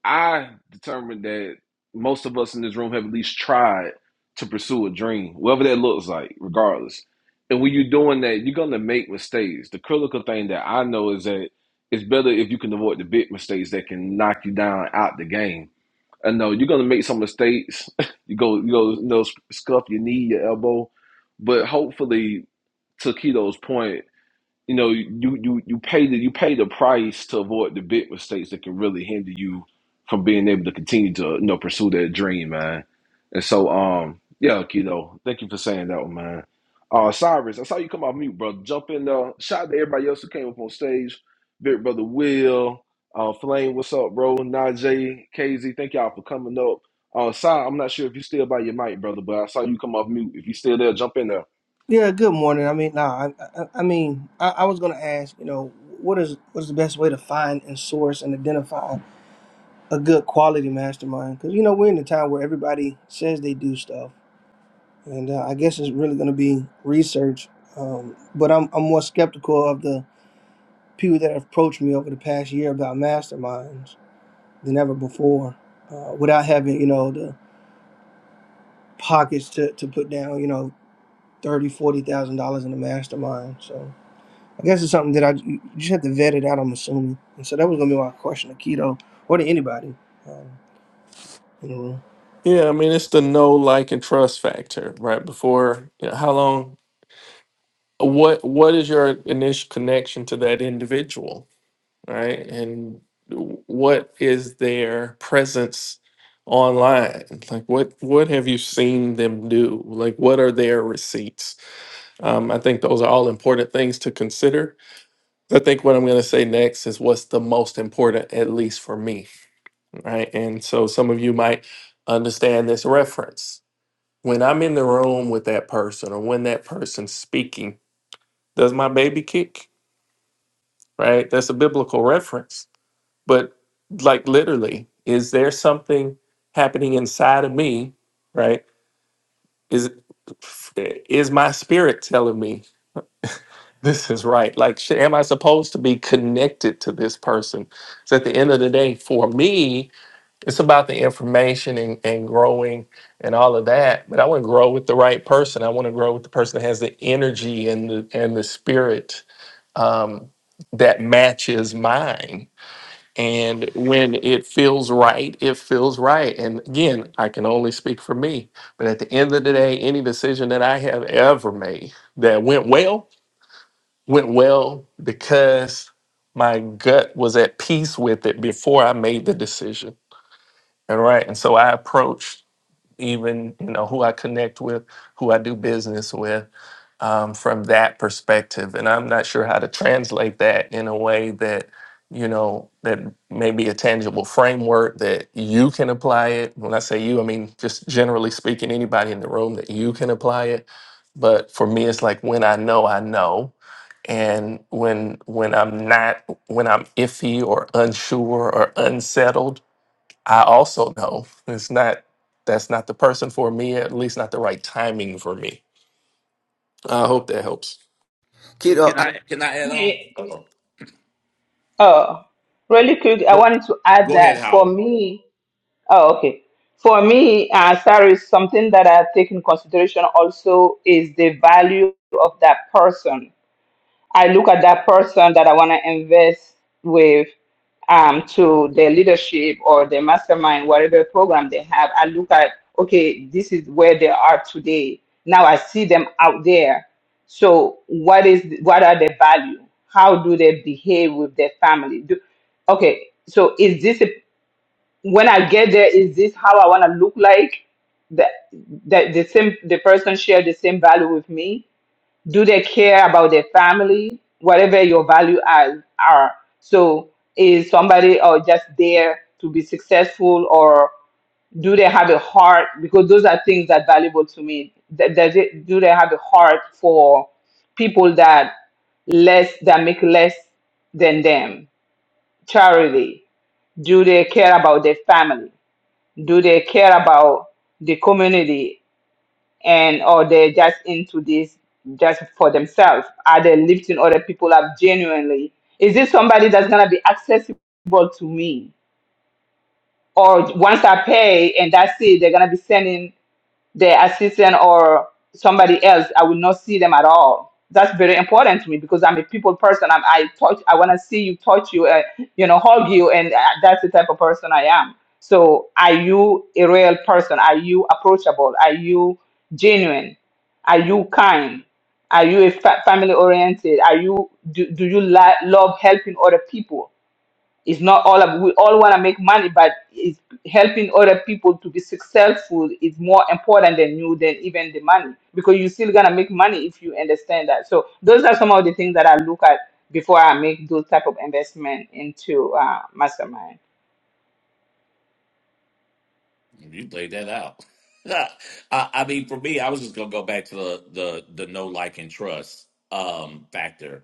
D: I determined that most of us in this room have at least tried to pursue a dream, whatever that looks like, regardless. And when you're doing that, you're gonna make mistakes. The critical thing that I know is that it's better if you can avoid the big mistakes that can knock you down out the game. I know you're gonna make some mistakes. *laughs* you go, you go, you know, scuff your knee, your elbow, but hopefully, to Keto's point, you know you you you pay the you pay the price to avoid the big mistakes that can really hinder you from being able to continue to you know pursue that dream, man. And so um yeah, Keto, thank you for saying that one, man. Uh Cyrus, I saw you come off mute, brother. Jump in uh shout out to everybody else who came up on stage. Big brother Will, uh Flame, what's up, bro? Najee, KZ, thank y'all for coming up. Uh Si, I'm not sure if you still by your mic, brother, but I saw you come off mute. If you still there, jump in there.
G: Yeah, good morning. I mean, nah, I, I, I mean, I, I was gonna ask, you know, what is what is the best way to find and source and identify a good quality mastermind? Because you know we're in a time where everybody says they do stuff, and uh, I guess it's really gonna be research. Um, but I'm I'm more skeptical of the people that have approached me over the past year about masterminds than ever before, uh, without having you know the pockets to to put down, you know, thirty, forty thousand dollars in a mastermind. So. I guess it's something that I you just have to vet it out. I'm assuming, and so that was gonna be my question to Keto or to anybody um, in the room.
C: Yeah, I mean it's the know, like, and trust factor, right? Before you know, how long? What What is your initial connection to that individual, right? And w- what is their presence online? Like, what What have you seen them do? Like, what are their receipts? Um, I think those are all important things to consider. I think what I'm going to say next is what's the most important, at least for me, right? And so some of you might understand this reference When I'm in the room with that person or when that person's speaking, does my baby kick? Right? That's a biblical reference. But like literally, is there something happening inside of me, right? Is is my spirit telling me this is right? Like, sh- am I supposed to be connected to this person? So at the end of the day, for me, It's about the information and, and growing and all of that. But I want to grow with the right person. I want to grow with the person that has the energy and the and the spirit um, that matches mine. And when it feels right, it feels right. And again, I can only speak for me. But at the end of the day, any decision that I have ever made that went well, went well because my gut was at peace with it before I made the decision and right. And so I approach even, you know, who I connect with, who I do business with um, from that perspective. And I'm not sure how to translate that in a way that, you know, that may be a tangible framework that you can apply it. When I say you, I mean, just generally speaking, anybody in the room that you can apply it. But for me, it's like when I know, I know. And when when I'm not, when I'm iffy or unsure or unsettled, I also know it's not that's not the person for me, at least not the right timing for me. I hope that helps.
H: Can
E: Keto,
H: can
E: I,
H: I can I add on?
B: Hey,
H: Uh,
B: oh, really quick, I
H: Go,
B: wanted to add
H: go ahead,
B: that for
H: Howard.
B: me, oh, okay. For me, uh, sorry, something that I take in consideration also is the value of that person. I look at that person that I want to invest with um, to their leadership or their mastermind, whatever program they have. I look at, okay, this is where they are today. Now I see them out there. So what is what are their value? How do they behave with their family? Do, okay, so is this a, when I get there? Is this how I want to look like? That that the same the person share the same value with me? do they care about their family whatever your value add are so is somebody or just there to be successful or do they have a heart because those are things that valuable to me Th- does it, do they have a heart for people that less that make less than them charity do they care about their family do they care about the community and or they're just into this just for themselves? Are they lifting other people up genuinely? Is this somebody that's gonna be accessible to me? Or once I pay and that's it, they're gonna be sending the assistant or somebody else i will not see them at all that's very important to me because i'm a people person I'm, i touch i want to see you touch you uh, you know hug you and uh, that's the type of person i am so are you a real person are you approachable are you genuine are you kind are you a fa- family oriented are you do, do you li- love helping other people it's not all ab- we all want to make money, but it's helping other people to be successful is more important than you than even the money because you're still gonna make money if you understand that. So those are some of the things that I look at before I make those type of investment into uh, mastermind.
H: You laid that out. *laughs* I, I mean, for me, I was just gonna go back to the the the no like and trust um factor.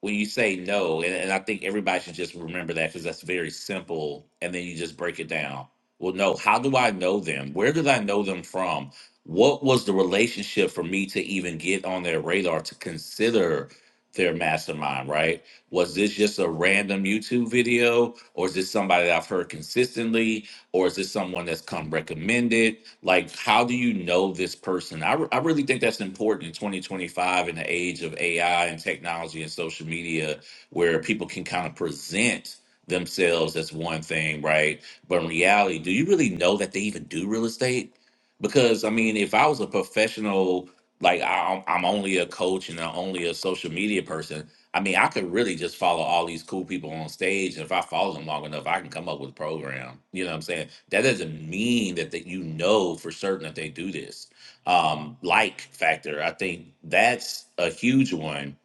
H: When you say no, and, and I think everybody should just remember that because that's very simple, and then you just break it down. Well, no, how do I know them? Where did I know them from? What was the relationship for me to even get on their radar to consider their mastermind, right? Was this just a random YouTube video, or is this somebody that I've heard consistently? or is this someone that's come recommended like how do you know this person i, re- I really think that's important in 2025 in the age of ai and technology and social media where people can kind of present themselves as one thing right but in reality do you really know that they even do real estate because i mean if i was a professional like I, i'm only a coach and i'm only a social media person I mean, I could really just follow all these cool people on stage. And if I follow them long enough, I can come up with a program. You know what I'm saying? That doesn't mean that, that you know for certain that they do this. Um, like factor, I think that's a huge one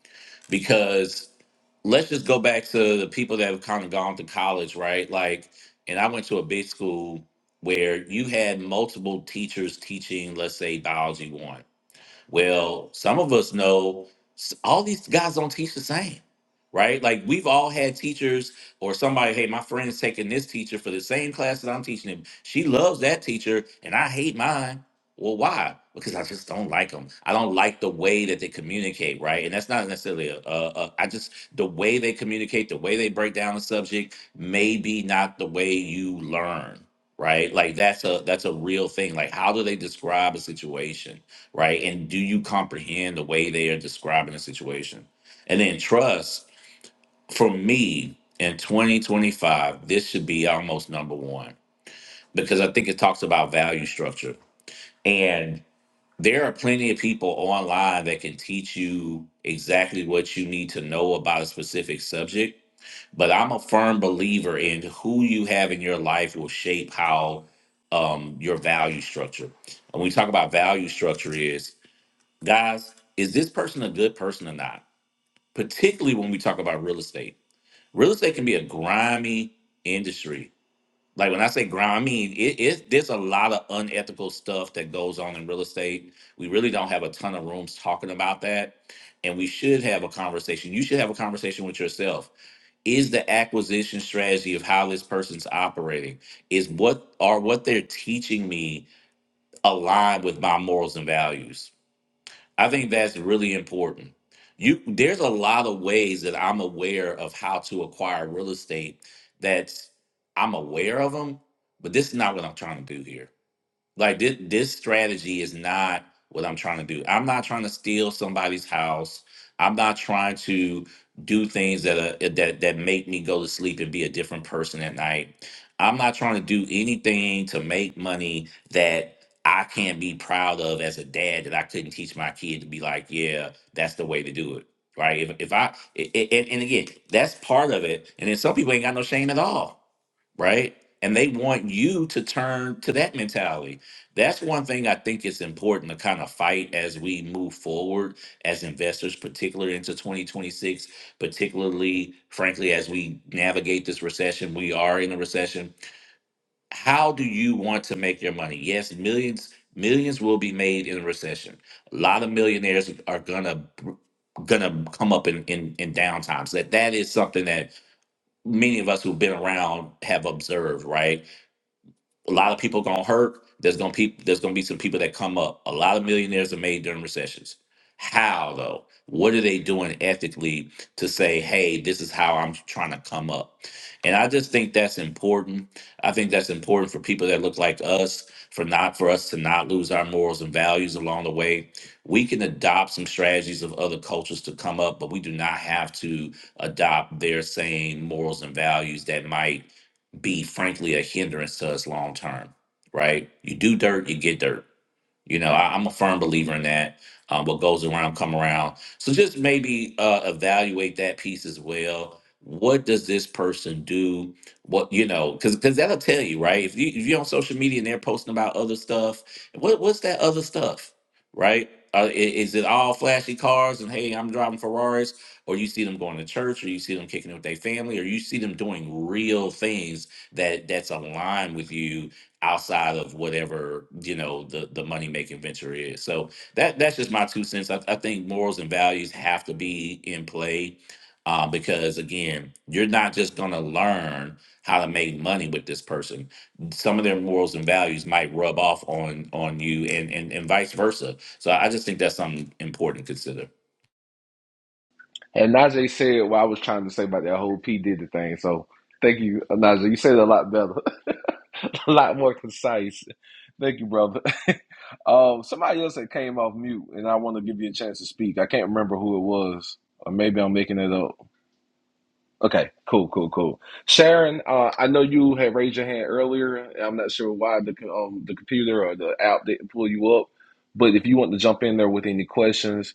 H: because let's just go back to the people that have kind of gone to college, right? Like, and I went to a big school where you had multiple teachers teaching, let's say, biology one well, some of us know s- all these guys don't teach the same, right? Like we've all had teachers or somebody, hey, my friend's taking this teacher for the same class that I'm teaching him. She loves that teacher and I hate mine. Well, why? Because I just don't like them. I don't like the way that they communicate, right? And that's not necessarily a, a, a. I just the way they communicate, the way they break down the subject, maybe not the way you learn, right? Like that's a that's a real thing. Like how do they describe a situation? right? And do you comprehend the way they are describing the situation? And then trust for me in 2025, this should be almost number one because I think it talks about value structure. And there are plenty of people online that can teach you exactly what you need to know about a specific subject. But I'm a firm believer in who you have in your life will shape how um, your value structure. And when we talk about value structure is guys, is this person a good person or not? Particularly when we talk about real estate. Real estate can be a grimy industry. Like when I say grimy, it, it there's a lot of unethical stuff that goes on in real estate. We really don't have a ton of rooms talking about that. And we should have a conversation. You should have a conversation with yourself. Is the acquisition strategy of how this person's operating? Is what are what they're teaching me aligned with my morals and values? I think that's really important. You there's a lot of ways that I'm aware of how to acquire real estate That I'm aware of them, but this is not what I'm trying to do here. Like this, this strategy is not what I'm trying to do. I'm not trying to steal somebody's house. I'm not trying to do things that are, that that make me go to sleep and be a different person at night. I'm not trying to do anything to make money that I can't be proud of as a dad that I couldn't teach my kid to be like, yeah, that's the way to do it. Right. If, if I, a- a- and, and again, that's part of it. And then some people ain't got no shame at all right? And they want you to turn to that mentality. That's one thing I think is important to kind of fight as we move forward as investors, particularly into 2026, particularly, frankly, as we navigate this recession. We are in a recession. How do you want to make your money? Yes, millions, millions will be made in a recession. A lot of millionaires are gonna gonna come up in in, in downtimes. That that is something that many of us who've been around have observed, right? a lot of people gonna hurt. There's gonna peop there's gonna be some people that come up. A lot of millionaires are made during recessions. How though? What are they doing ethically to say, hey, this is how I'm trying to come up? And I just think that's important. I think that's important for people that look like us, for not for us to not lose our morals and values along the way. We can adopt some strategies of other cultures to come up, but we do not have to adopt their same morals and values that might be frankly a hindrance to us long term, right? You do dirt, you get dirt. You know, I, I'm a firm believer in that. Um, what goes around come around. So just maybe uh, evaluate that piece as well. What does this person do? What you know, because because that'll tell you, right? If you if you're on social media and they're posting about other stuff, what what's that other stuff, right? Uh, i- is it all flashy cars and hey, I'm driving Ferraris, or you see them going to church, or you see them kicking it with their family, or you see them doing real things that that's aligned with you outside of whatever you know the the money making venture is. So that that's just my two cents. I, I think morals and values have to be in play um, because again, you're not just gonna learn how to make money with this person. Some of their morals and values might rub off on on you, and and and vice versa. So I just think that's something important to consider.
D: And Najee said what I was trying to say about that whole P did the thing. So thank you, Najee. You said it a lot better, *laughs* a lot more concise. Thank you, brother. *laughs* um, somebody else that came off mute, and I want to give you a chance to speak. I can't remember who it was, or maybe I'm making it up. Okay, cool, cool, cool. Sharon, uh, I know you had raised your hand earlier. and I'm not sure why the co- um, the computer or the app didn't pull you up, but if you want to jump in there with any questions,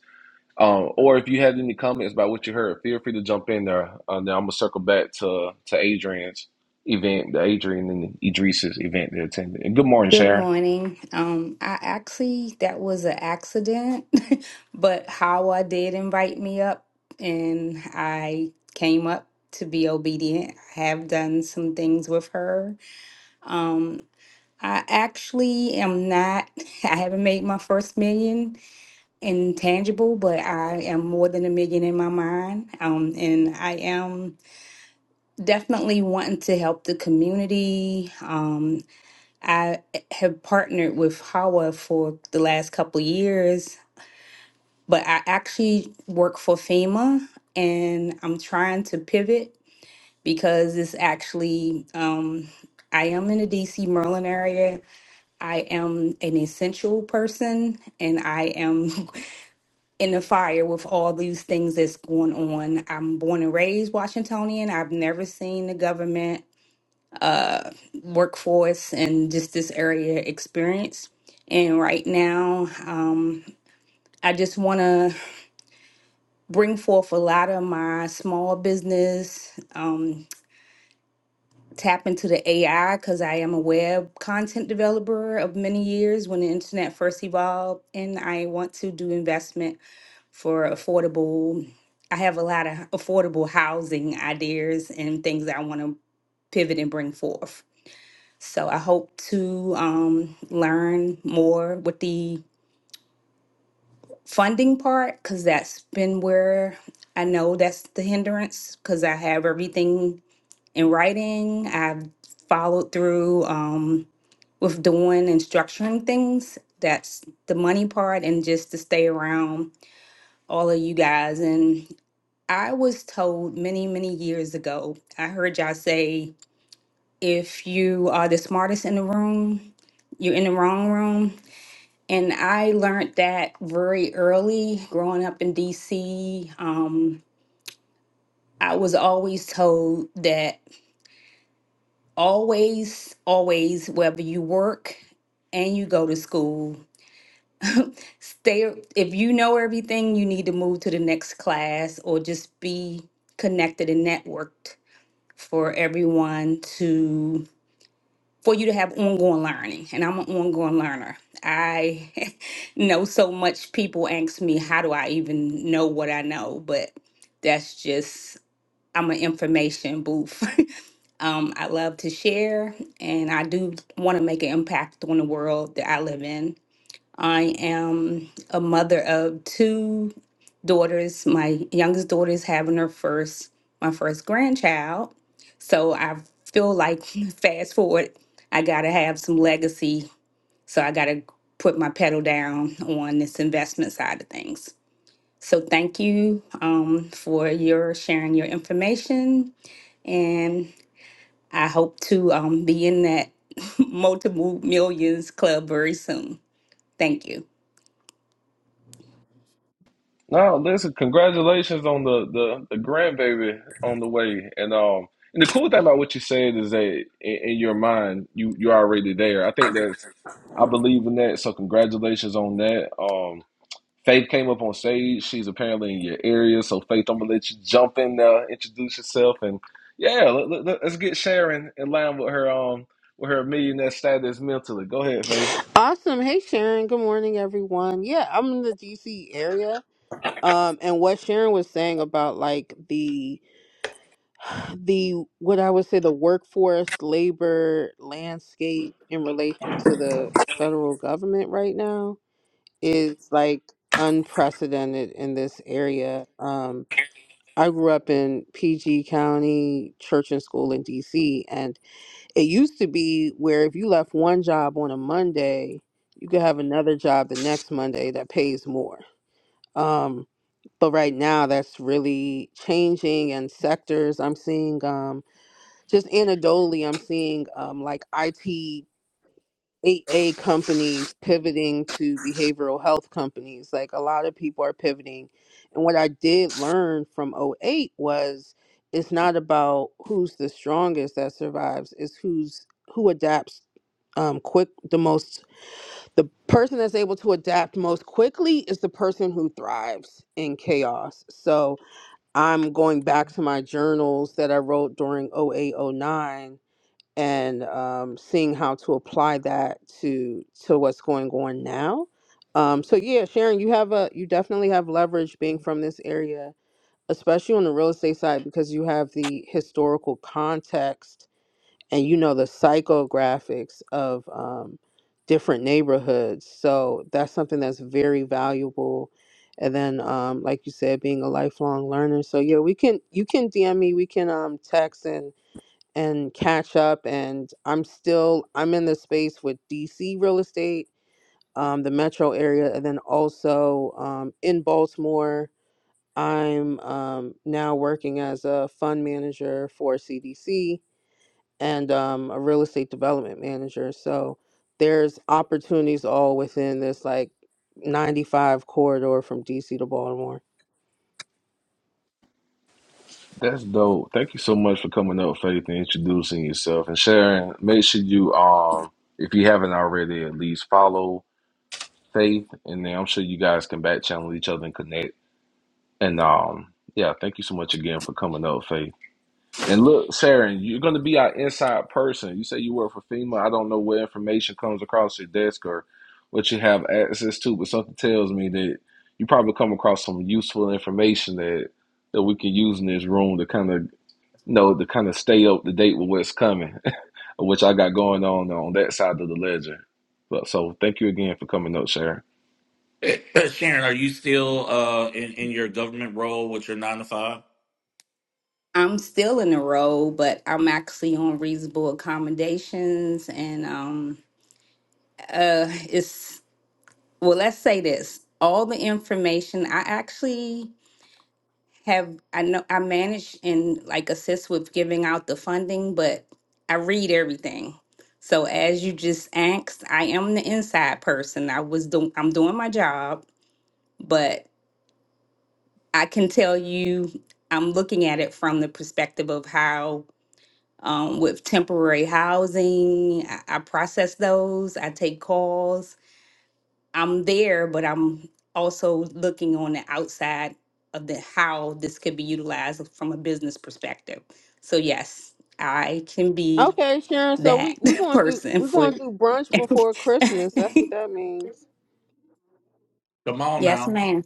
D: um, or if you have any comments about what you heard, feel free to jump in there. Uh, then I'm gonna circle back to to Adrian's event, the Adrian and Idris's event they attended. And good morning,
I: Good
D: Sharon.
I: morning. Um, I actually that was an accident, *laughs* but Hawa did invite me up, and I came up to be obedient. I have done some things with her. Um, I actually am not. *laughs* I haven't made my first million in tangible, but I am more than a million in my mind. Um, and I am definitely wanting to help the community. Um, I have partnered with HAWA for the last couple years, but I actually work for FEMA and I'm trying to pivot because it's actually, um, I am in the DC Maryland area. I am an essential person and I am *laughs* in the fire with all these things that's going on. I'm born and raised Washingtonian. I've never seen the government uh, workforce and just this area experience. And right now, um, I just want to bring forth a lot of my small business, um, tap into the AI because I am a web content developer of many years when the internet first evolved. And I want to do investment for affordable. I have a lot of affordable housing ideas and things that I want to pivot and bring forth. So I hope to um, learn more with the funding part because that's been where I know that's the hindrance because I have everything in writing. I've followed through um, with doing and structuring things. That's the money part, and just to stay around all of you guys. And I was told many, many years ago, I heard y'all say, if you are the smartest in the room, you're in the wrong room And I learned that very early growing up in DC. Um, I was always told that always, always, whether you work and you go to school, stay. If you know everything, you need to move to the next class or just be connected and networked for everyone to for you to have ongoing learning. And I'm an ongoing learner. I *laughs* know so much. People ask me, how do I even know what I know? But that's just, I'm an information booth. *laughs* um, I love to share and I do want to make an impact on the world that I live in. I am a mother of two daughters. My youngest daughter is having her first, my first grandchild. So I feel like *laughs* fast forward, I gotta have some legacy. So I gotta put my pedal down on this investment side of things. So thank you um, for your sharing your information, and I hope to um, be in that *laughs* multiple millions club very soon. Thank you.
D: No, listen, congratulations on the the, the grandbaby on the way. And um, and the cool thing about what you said is that in, in your mind, you you're already there. I think that's, I believe in that. So congratulations on that. Um, Faith came up on stage. She's apparently in your area. So, Faith, I'm going to let you jump in there, introduce yourself. And yeah, let, let, let- us get Sharon in line with her um with her millionaire status mentally. Go ahead, Faith.
J: Awesome. Hey, Sharon. Good morning, everyone. Yeah, I'm in the DC area. Um, and what Sharon was saying about like the the what I would say the workforce labor landscape in relation to the federal government right now is like unprecedented in this area. Um, I grew up in PG County Church and School in DC, and it used to be where if you left one job on a Monday, you could have another job the next Monday that pays more. Um, but right now, that's really changing, and sectors I'm seeing, um, just anecdotally, I'm seeing um, like IT a A companies pivoting to behavioral health companies. Like a lot of people are pivoting. And what I did learn from O eight was it's not about who's the strongest that survives, it's who's who adapts um quick the most the person that's able to adapt most quickly is the person who thrives in chaos. So I'm going back to my journals that I wrote during O eight O nine and um, seeing how to apply that to to what's going on now. Um, so yeah, Sharon, you have a you definitely have leverage being from this area, especially on the real estate side because you have the historical context and you know the psychographics of um, different neighborhoods. So that's something that's very valuable. And then, um, like you said, being a lifelong learner. So yeah, we can you can DM me, we can um, text and and catch up and i'm still i'm in the space with dc real estate um, the metro area and then also um, in baltimore i'm um, now working as a fund manager for cdc and um, a real estate development manager so there's opportunities all within this like 95 corridor from dc to baltimore
D: That's dope. Thank you so much for coming up, Faith, and introducing yourself. And Sharon, make sure you um if you haven't already, at least follow Faith, and then I'm sure you guys can back channel each other and connect. And um yeah, thank you so much again for coming up, Faith. And look, Saren, you're going to be our inside person. You say you work for FEMA. I don't know what information comes across your desk or what you have access to, but something tells me that you probably come across some useful information that that we can use in this room to kind of you know to kind of stay up to date with what's coming, *laughs* which I got going on on that side of the ledger. But so thank you again for coming up, Saren.
H: *coughs* *clears throat* Sharon, are you still uh, in in your government role with your nine to five?
I: I'm still in the role, but I'm actually on reasonable accommodations. And um, uh, it's, well, let's say this all the information I actually have, I know I manage and like assist with giving out the funding, but I read everything. So as you just asked, I am the inside person. I was doing, I'm doing my job, but I can tell you, I'm looking at it from the perspective of how um, with temporary housing. I, I process those. I take calls. I'm there, but I'm also looking on the outside of the how this could be utilized from a business perspective. So yes, I can be
J: okay sharon so
I: that
J: we we
I: *laughs*
J: gonna do
I: person
J: we
I: for.
J: gonna do brunch
I: *laughs*
J: before christmas that's what that means
H: Come on
I: yes,
H: now,
I: ma'am.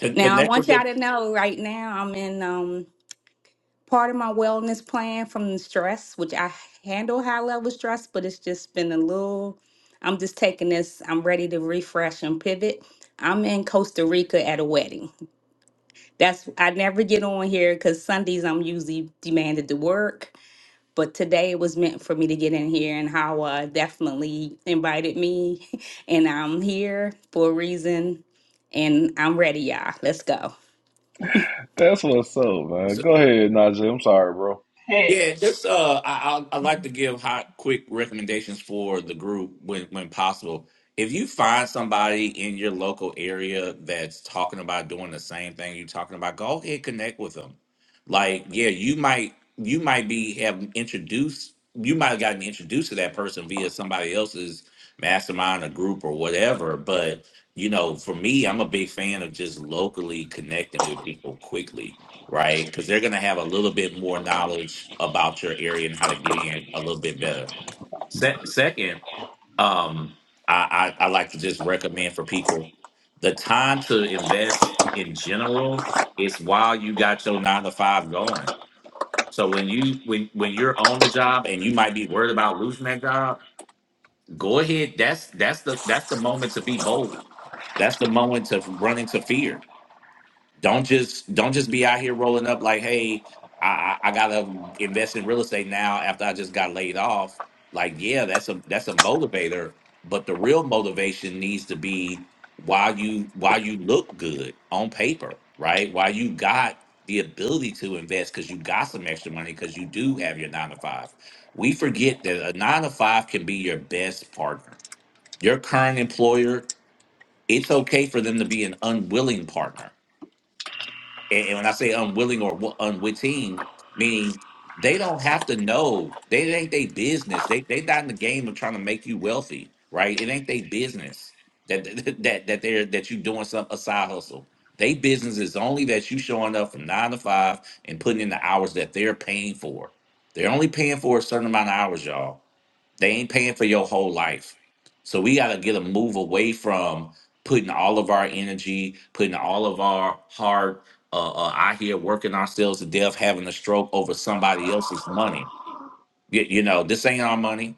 H: Con-
I: Now I
H: connect
I: want
H: with
I: y'all to
H: the.
I: know right now I'm in. um part of my wellness plan from the stress, which I handle high level stress, but it's just been a little. I'm just taking this. I'm ready to refresh and pivot. I'm in Costa Rica at a wedding. That's I never get on here because Sundays I'm usually demanded to work, but today it was meant for me to get in here, and Hawa definitely invited me, *laughs* and I'm here for a reason, and I'm ready, y'all. Let's go.
D: That's what's up, man. Go ahead, Najee. I'm sorry, bro.
B: Hey,
H: Yeah, just uh, I, I I like to give hot, quick recommendations for the group when when possible. If you find somebody in your local area that's talking about doing the same thing you're talking about, go ahead connect with them. Like, yeah, you might you might be have introduced you might have gotten introduced to that person via somebody else's mastermind or group or whatever. But you know, for me, I'm a big fan of just locally connecting with people quickly right? Because they're going to have a little bit more knowledge about your area and how to get in a little bit better. Se- second, um, I, I, I like to just recommend for people the time to invest in general is while you got your nine to five going. So when you when when you're on the job and you might be worried about losing that job, go ahead. That's that's the that's the moment to be bold. That's the moment to run into fear don't just don't just be out here rolling up like, hey, I, I I gotta invest in real estate now after I just got laid off. Like, yeah, that's a that's a motivator, but the real motivation needs to be why you why you look good on paper, right? Why you got the ability to invest because you got some extra money because you do have your nine to five. We forget that a nine to five can be your best partner. Your current employer, it's okay for them to be an unwilling partner and, and when I say unwilling or wi- unwitting, meaning they don't have to know. They it ain't they business. They they not in the game of trying to make you wealthy, right? It ain't they business that *laughs* that that they're that you doing some a side hustle. They business is only that you showing up from nine to five and putting in the hours that they're paying for. They're only paying for a certain amount of hours, y'all. They ain't paying for your whole life. So we gotta get a move away from putting all of our energy, putting all of our heart, uh, uh, out here working ourselves to death, having a stroke over somebody else's money. You, you know, this ain't our money.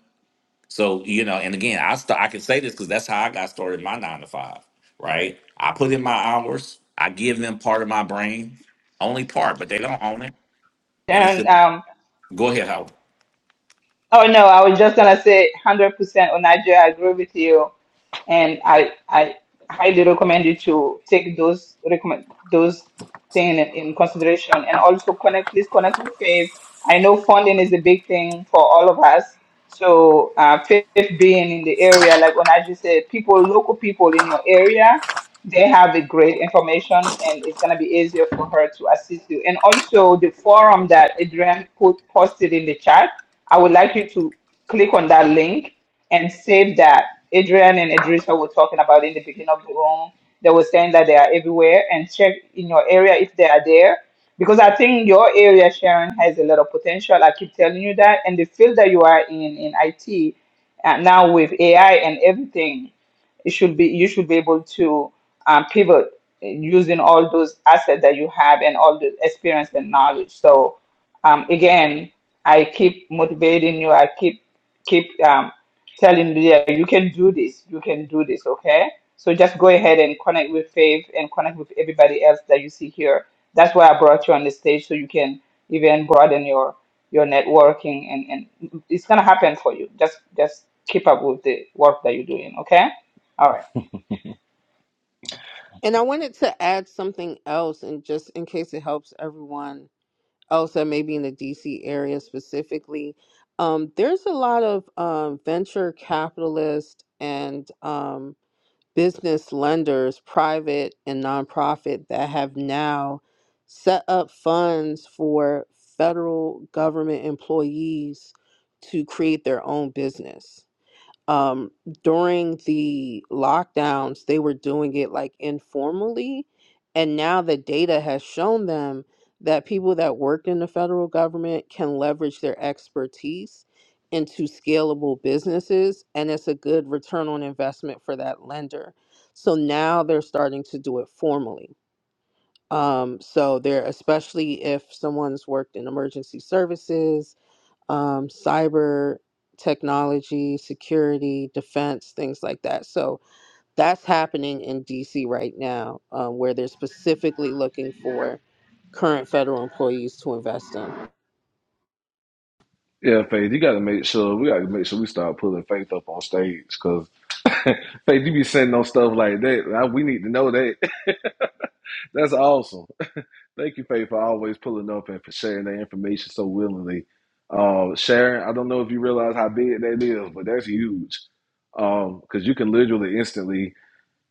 H: So you know, and again, I st- I can say this because that's how I got started in my nine to five. Right, I put in my hours. I give them part of my brain, only part, but they don't own it. And it's
B: and
H: a,
B: um,
H: go ahead, Howard.
B: oh no, I was just gonna say 100% on Nigeria. I agree with you. and I I highly recommend you to take those recommend those things in, in consideration and also connect please connect with faith. I know funding is a big thing for all of us. So uh, faith being in the area, like Onaji said, people local people in your area, they have a great information and it's gonna be easier for her to assist you. And also the forum that Adrian put posted in the chat, I would like you to click on that link and save that Adrian and Idrissa were talking about in the beginning of the room. They were saying that they are everywhere and check in your area if they are there. Because I think your area, Sharon, has a lot of potential. I keep telling you that. And the field that you are in, in IT, uh, now with AI and everything, it should be you should be able to um, pivot using all those assets that you have and all the experience and knowledge. So um, again, I keep motivating you. I keep keep um, telling Lydia, you can do this, you can do this, okay? So just go ahead and connect with Faith and connect with everybody else that you see here. That's why I brought you on the stage so you can even broaden your your networking and, and it's gonna happen for you. Just just keep up with the work that you're doing, okay? All right.
J: And I wanted to add something else, and just in case it helps everyone else that may be in the DC area specifically, um, there's a lot of um, venture capitalist and um, business lenders, private and nonprofit, that have now set up funds for federal government employees to create their own business um during the lockdowns they were doing it like informally and now the data has shown them that people that work in the federal government can leverage their expertise into scalable businesses and it's a good return on investment for that lender so now they're starting to do it formally um, so they're especially if someone's worked in emergency services um, cyber technology, security, defense, things like that. So that's happening in DC right now, um, where they're specifically looking for current federal employees to invest in.
D: Yeah, Faith, you got to make sure we got to make sure we start pulling Faith up on stage because. Faith, you be sending on stuff like that. I- we need to know that. *laughs* That's awesome. Thank you, Faith, for always pulling up and for sharing that information so willingly. Uh, Sharon, I don't know if you realize how big that is, but that's huge. Because you can literally instantly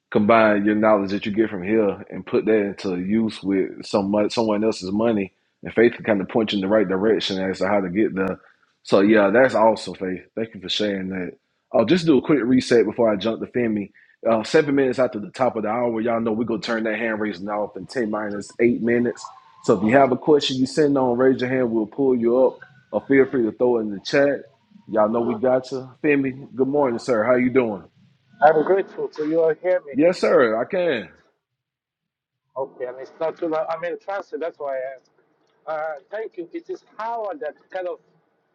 D: combine your knowledge that you get from here and put that into use with some someone else's money, and faith can kind of point you in the right direction as to how to get there. So yeah, that's awesome, Faith. Thank you for sharing that. I'll just do a quick reset before I jump to Femi. Uh, seven minutes after the top of the hour, y'all know we're gonna turn that hand raising off in ten minus eight minutes. So if you have a question you send on, raise your hand. We'll pull you up, or feel free to throw it in the chat. Y'all know we got you, Femi. Good morning, sir. How you doing?
K: I'm grateful to you all hear me.
D: Yes, sir. I can.
K: Okay, and it's not too loud. I'm in transit, that's why I asked. Uh, thank you. It is Howard that kind of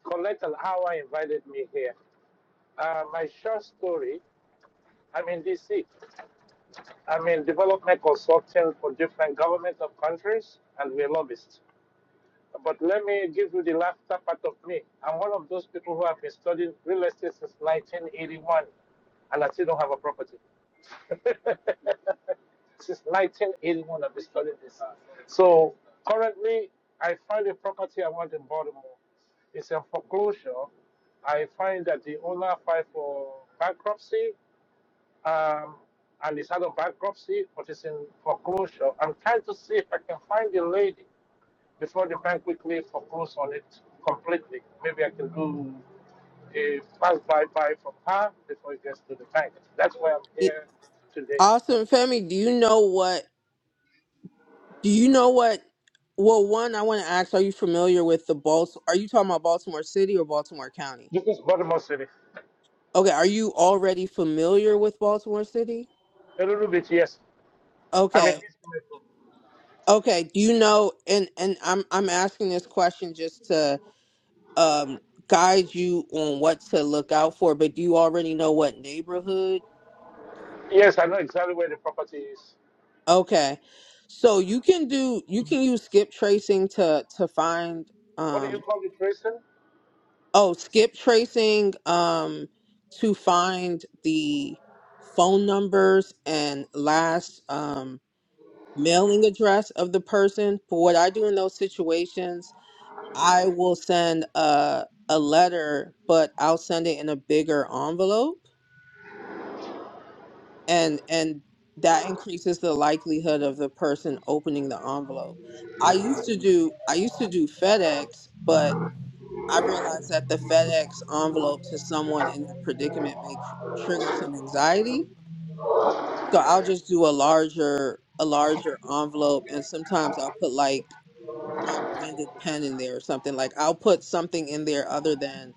K: collected how I invited me here. Uh, my short story I'm in DC. I'm in development consulting for different governments of countries, and we're lobbyists. But let me give you the laughter part of me. I'm one of those people who have been studying real estate since 1981, and I still don't have a property. *laughs* since 1981, I've been studying this. So currently, I find a property I want in Baltimore. It's a foreclosure. I find that the owner filed for bankruptcy, um, and it's out of bankruptcy, but it's in foreclosure. I'm trying to see if I can find the lady before the bank quickly foreclose on it completely. Maybe I can do a fast buy buy from her before it gets to the bank. That's why I'm
J: It-
K: here today.
J: Austin Femi, do you know what? Do you know what? Well, one, I want to ask: Are you familiar with the Baltimore? Are you talking about Baltimore City or Baltimore County?
K: This is Baltimore City.
J: Okay, are you already familiar with Baltimore City?
K: A little bit, yes. I mean,
J: Okay, Okay, do you know and and I'm I'm asking this question just to um guide you on what to look out for, but do you already know what neighborhood?
K: yes, I know exactly where the property is.
J: Okay. So you can do you can use skip tracing to to find
K: What do you
J: um
K: call it, Grayson?
J: oh, skip tracing um to find the phone numbers and last um mailing address of the person. But what I do in those situations I will send a a letter, but I'll send it in a bigger envelope and and that increases the likelihood of the person opening the envelope. I used to do I used to do FedEx, but I realized that the FedEx envelope to someone in that predicament may cr- trigger some anxiety. So I'll just do a larger a larger envelope and sometimes I'll put like my branded pen in there or something like I'll put something in there other than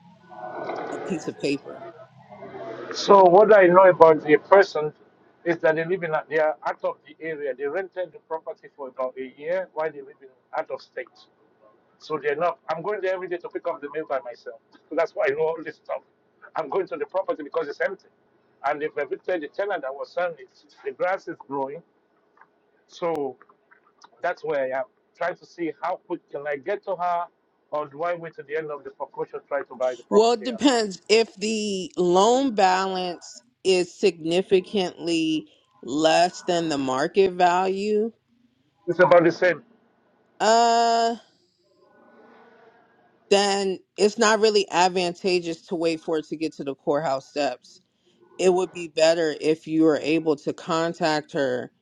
J: a piece of paper?
K: So what I know about the person is that they live in, a- they are out of the area. They rented the property for about a year while they live in out of state. So they're not. I'm going there every day to pick up the mail by myself. So That's why I know all this stuff. I'm going to the property because it's empty. And if have evicted the tenant that was selling it. The grass is growing. So that's where I am. Trying to see how quick can I get to her or do I wait to the end of the foreclosure try to buy the
J: Well, it
K: property after?
J: depends. If the loan balance is significantly less than the market value,
K: It's about the same.
J: uh, then it's not really advantageous to wait for it to get to the courthouse steps. It would be better if you were able to contact her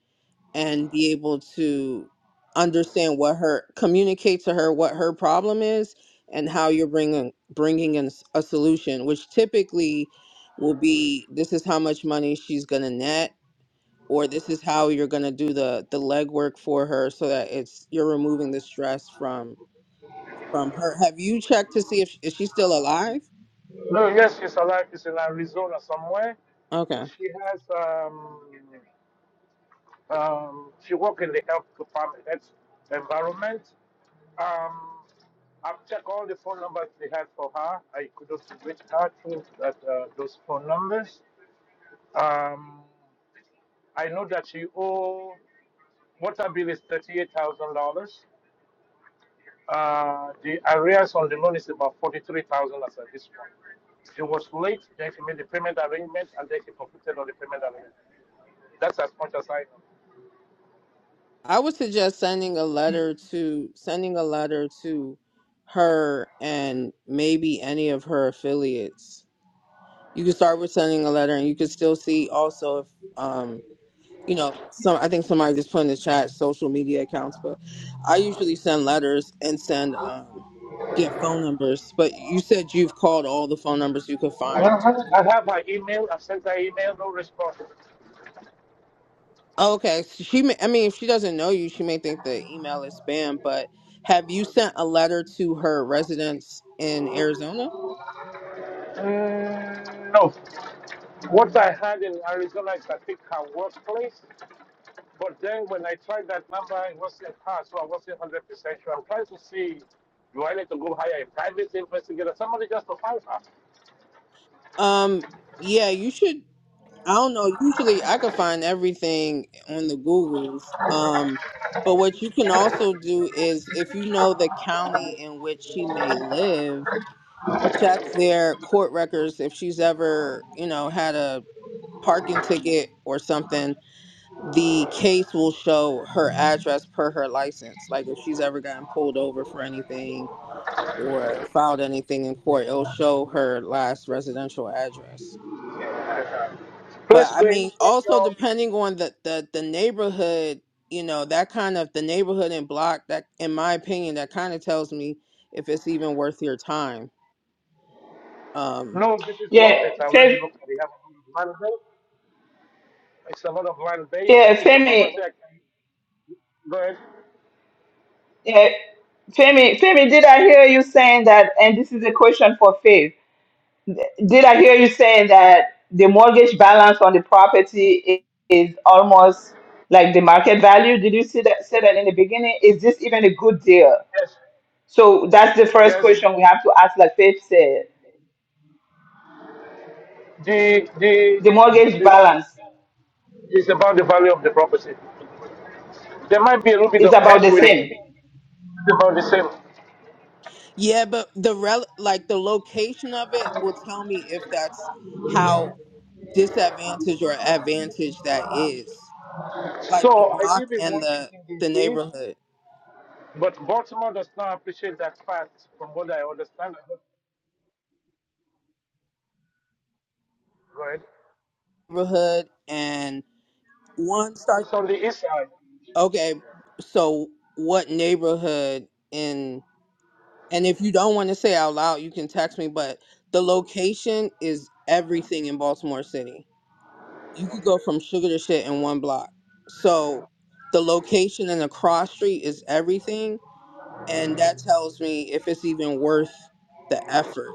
J: and be able to understand what her communicate to her what her problem is and how you're bringing bringing in s- a solution which typically will be this is how much money she's going to net or this is how you're going to do the the legwork for her so that it's you're removing the stress from from her have you checked to see if, sh- is she still alive
K: No, yes, she's alive. She's in Arizona somewhere.
J: okay
K: She has um Um, she worked in the health department, that's environment. Um, I've checked all the phone numbers they had for her. I couldn't reach her through that, uh, those phone numbers. Um, I know that she owe water bill is thirty-eight thousand dollars. Uh, the arrears on the loan is about forty-three thousand as at this point. She was late, then she made the payment arrangement, and then she completed on the payment arrangement. That's as much as I know.
J: I would suggest sending a letter to sending a letter to her and maybe any of her affiliates. You can start with sending a letter, and you can still see also if um you know some. I think somebody just put in the chat social media accounts, but I usually send letters and send um get phone numbers. But you said you've called all the phone numbers you could
K: I
J: find.
K: have, I have her email. I sent her email, no response.
J: Okay, so she may, I mean, if she doesn't know you, she may think the email is spam, but have you sent a letter to her residence in Arizona?
K: Mm, no. What I had in Arizona is, I think, her workplace. But then when I tried that number, it wasn't her, so I wasn't 100% sure. I'm trying to see do I need to go hire a private investigator, somebody just to find her?
J: Um, yeah, you should I don't know. Usually I could find everything on the Googles. Um, but what you can also do is if you know the county in which she may live, check their court records if she's ever, you know, had a parking ticket or something. The case will show her address per her license. Like if she's ever gotten pulled over for anything or filed anything in court, it'll show her last residential address.
K: Please
J: But I
K: go in,
J: mean,
K: check
J: also
K: your.
J: depending on the, the, the neighborhood, you know, that kind of the neighborhood and block that, in my opinion, that kind of tells me if it's even worth your time. Um,
K: No, this is
B: Yeah,
K: workplace. I already
B: Faith
K: looked at it. I have a lot of land base. It's a lot of land base.
B: yeah,
K: It's a
B: Femi
K: property I can go ahead.
B: yeah Femi Femi, did I hear you saying that and this is a question for Faith. Did I hear you saying that the mortgage balance on the property i- is almost like the market value? Did you see that say that in the beginning? Is this even a good deal?
K: Yes,
B: So that's the first
K: yes.
B: question we have to ask, like Faith said.
K: The, the,
B: The mortgage
K: the
B: balance
K: It's about the value of the property. There might be a little bit
B: is
K: of
B: about the
K: equity.
B: same.
K: It's about the same.
J: yeah, but the rel like the location of it will tell me if that's how disadvantaged or advantage that is. Like the
K: So I
J: block
K: live in
J: and the
K: Washington,
J: the
K: D.C.,
J: neighborhood,
K: but Baltimore does not appreciate that fact from what I understand. Right?
J: neighborhood and one start.
K: It's on the east side.
J: Okay, so what neighborhood in? And if you don't want to say out loud, you can text me, but the location is everything in Baltimore City. You could go from sugar to shit in one block. So the location and the cross street is everything. And that tells me if it's even worth the effort.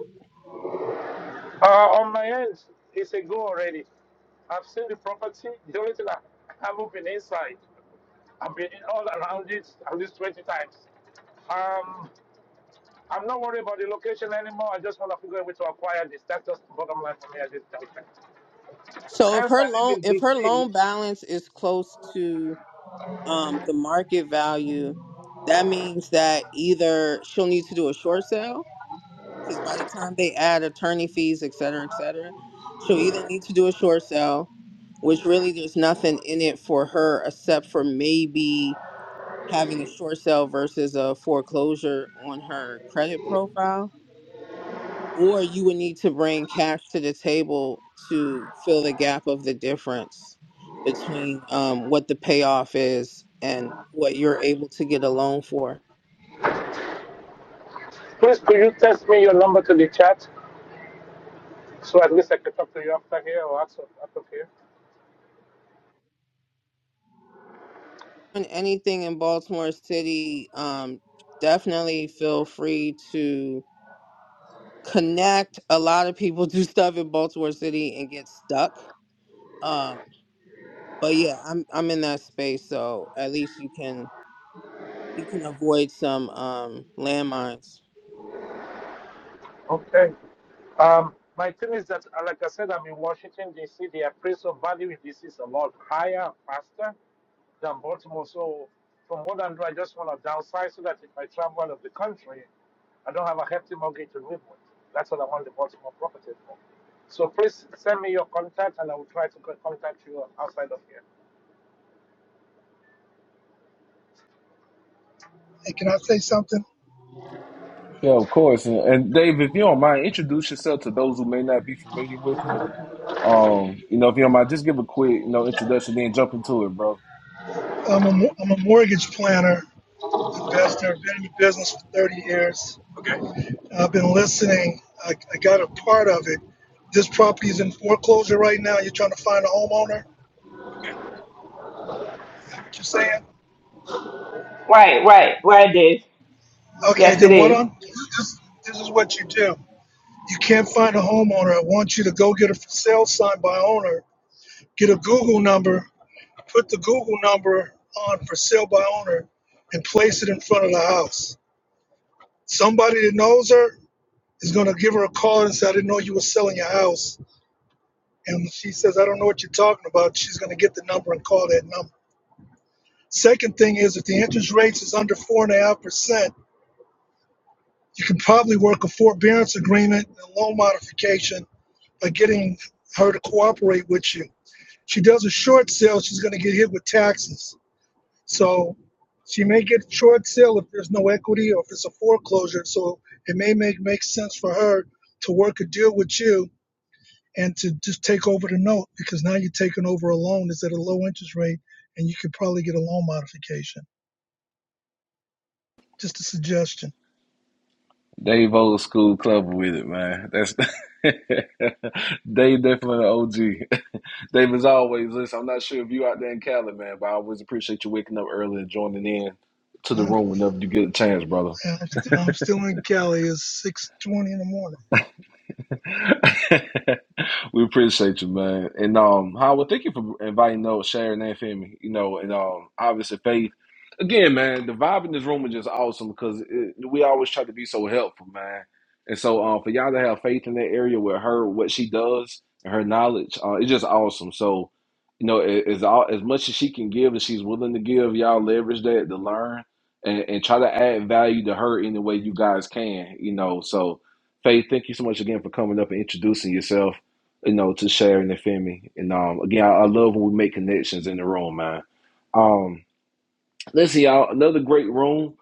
K: Uh, on my end, it's a go already. I've seen the property. The only thing I I haven't been inside. I've been all around it at least 20 times. Um, I'm not worried about the location anymore. I just want to figure a way to acquire this. That's just the bottom line for me at this time.
J: So if
K: Hence, I
J: her
K: live
J: loan
K: in
J: if her
K: DC.
J: loan balance is close to um, the market value, that means that either she'll need to do a short sale because by the time they add attorney fees, et cetera, et cetera, she'll either need to do a short sale, which really there's nothing in it for her except for maybe having a short sale versus a foreclosure on her credit profile or you would need to bring cash to the table to fill the gap of the difference between um, what the payoff is and what you're able to get a loan for.
K: Please, could you text me your number to the chat so at least I can talk to you after here or out of, out here?
J: And anything in Baltimore City, um, definitely feel free to connect. A lot of people *laughs* do stuff in Baltimore City and get stuck. Um, but yeah, I'm I'm in that space, so at least you can you can avoid some um, landmines.
K: Okay. Um, my thing is that, uh, like I said, I'm in Washington, D.C. The appraisal value in D.C. is a lot higher faster than Baltimore. So, from what I know, I just want to downsize so that if I travel out of the country, I don't have a hefty mortgage to live with. That's what I want the Baltimore property for. So, please send me your contact and I will try to contact you outside of here.
L: Hey, can I say something?
D: Yeah, of course. And, and Dave, if you don't mind, introduce yourself to those who may not be familiar with you. Um, you know, if you don't mind, just give a quick, you know, introduction, then jump into it, bro.
L: I'm a, mo- I'm a mortgage planner, investor, I've been in the business for 30 years. Okay. I've been listening. I, I got a part of it. This property is in foreclosure right now. You're trying to find a homeowner? Okay. Is that what you're saying?
B: Right, right, right, Dave.
L: Okay,
B: Yes, it
L: then what
B: is.
L: I'm, this, this is what you do. You can't find a homeowner. I want you to go get a for sale sign by owner, get a Google number, put the Google number on for sale by owner, and place it in front of the house somebody that knows her is going to give her a call and say, I didn't know you were selling your house. And when she says, I don't know what you're talking about. She's going to get the number and call that number. Second thing is, if the interest rates is under 4.5%, you can probably work a forbearance agreement and loan modification by getting her to cooperate with you. She does a short sale, she's going to get hit with taxes. So she may get a short sale if there's no equity or if it's a foreclosure. So it may make, make sense for her to work a deal with you and to just take over the note because now you're taking over a loan that's at a low interest rate and you could probably get a loan modification. Just a suggestion.
D: Dave old school club with it, man. That's *laughs* Dave definitely an OG. *laughs* Dave, as always, listen, I'm not sure if you out there in Cali, man, but I always appreciate you waking up early and joining in to the
L: I'm,
D: room whenever you get a chance, brother.
L: I'm, st- I'm still in Cali. It's 6.20 in the morning.
D: *laughs* we appreciate you, man. And um, Howard, thank you for inviting those, sharing and me. You know, and um, obviously Faith. Again, man, the vibe in this room is just awesome because it, we always try to be so helpful, man. And so, um, for y'all to have faith in that area with her, what she does and her knowledge, uh, it's just awesome. So, you know, a- as all as much as she can give, and she's willing to give, y'all leverage that to learn and, and try to add value to her any way you guys can. You know, so Faith, thank you so much again for coming up and introducing yourself, you know, to Sharon and Femi. And um, again, I, I love when we make connections in the room, man. Um, listen, y'all, another great room.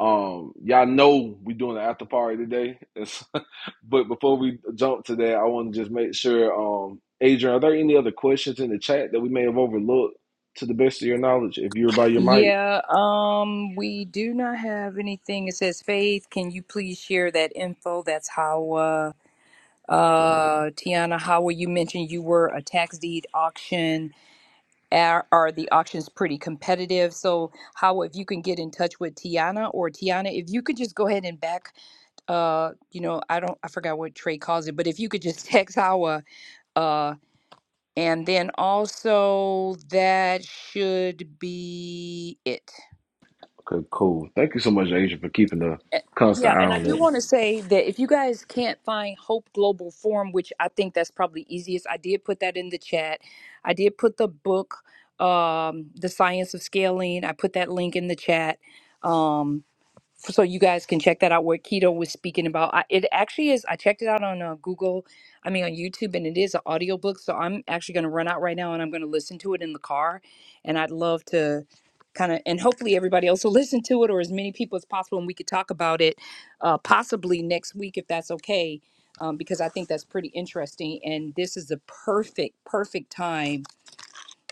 D: Um, y'all know we're doing an after party today. It's- *laughs* but before we jump to that, I want to just make sure, um, Adrian, are there any other questions in the chat that we may have overlooked to the best of your knowledge? If you're by your mic.
A: Yeah, um, we do not have anything. It says, Faith, can you please share that info? That's how. Uh, Tiana Howard, you mentioned you were a tax deed auction. Are, are the auctions pretty competitive? So, how if you can get in touch with Tiana or Tiana, if you could just go ahead and back, uh, you know, I don't, I forgot what Trey calls it, but if you could just *laughs* text Hawa, uh, and then also that should be it.
D: Okay, cool. Thank you so much, Adrian, for keeping a
A: Eh,
D: constant
A: Yeah,
D: eye
A: and I
D: on
A: do
D: that.
A: want to say that if you guys can't find Hope Global Forum, which I think that's probably easiest, I did put that in the chat. I did put the book, um, The Science of Scaling. I put that link in the chat. Um, f- so you guys can check that out what keto was speaking about I, it actually is i checked it out on uh, google i mean on youtube and it is an audiobook so i'm actually going to run out right now and i'm going to listen to it in the car and i'd love to kind of and hopefully everybody else will *laughs* listen to it or as many people as possible and we could talk about it uh, possibly next week if that's okay um, because i think that's pretty interesting and this is the perfect perfect time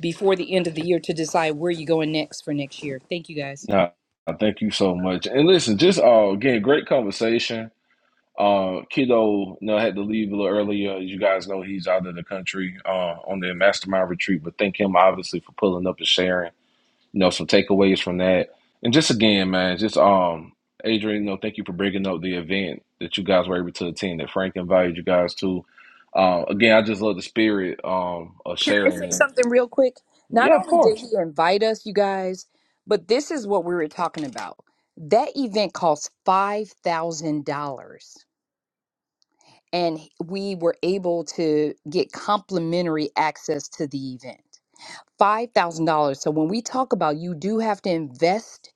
A: before the end of the year to decide where you're going next for next year thank you guys
D: No, I thank you so much. And listen, just uh, again, great conversation. Uh, Kiddo, you know, had to leave a little earlier. As you guys know, he's out of the country uh, on the mastermind retreat, but thank him obviously for pulling up and sharing, you know, some takeaways from that. And just again, man, just um, Adrian, you know, thank you for bringing up the event that you guys were able to attend that Frank invited you guys to. Uh, again, I just love the spirit um, of
A: Can I
D: sharing
A: say
D: it.
A: something real quick? Not
D: Yeah, of
A: only did
D: course.
A: he invite us, you guys, but this is what we were talking about. That event cost $5,000, and we were able to get complimentary access to the event. $5,000. So when we talk about you do have to invest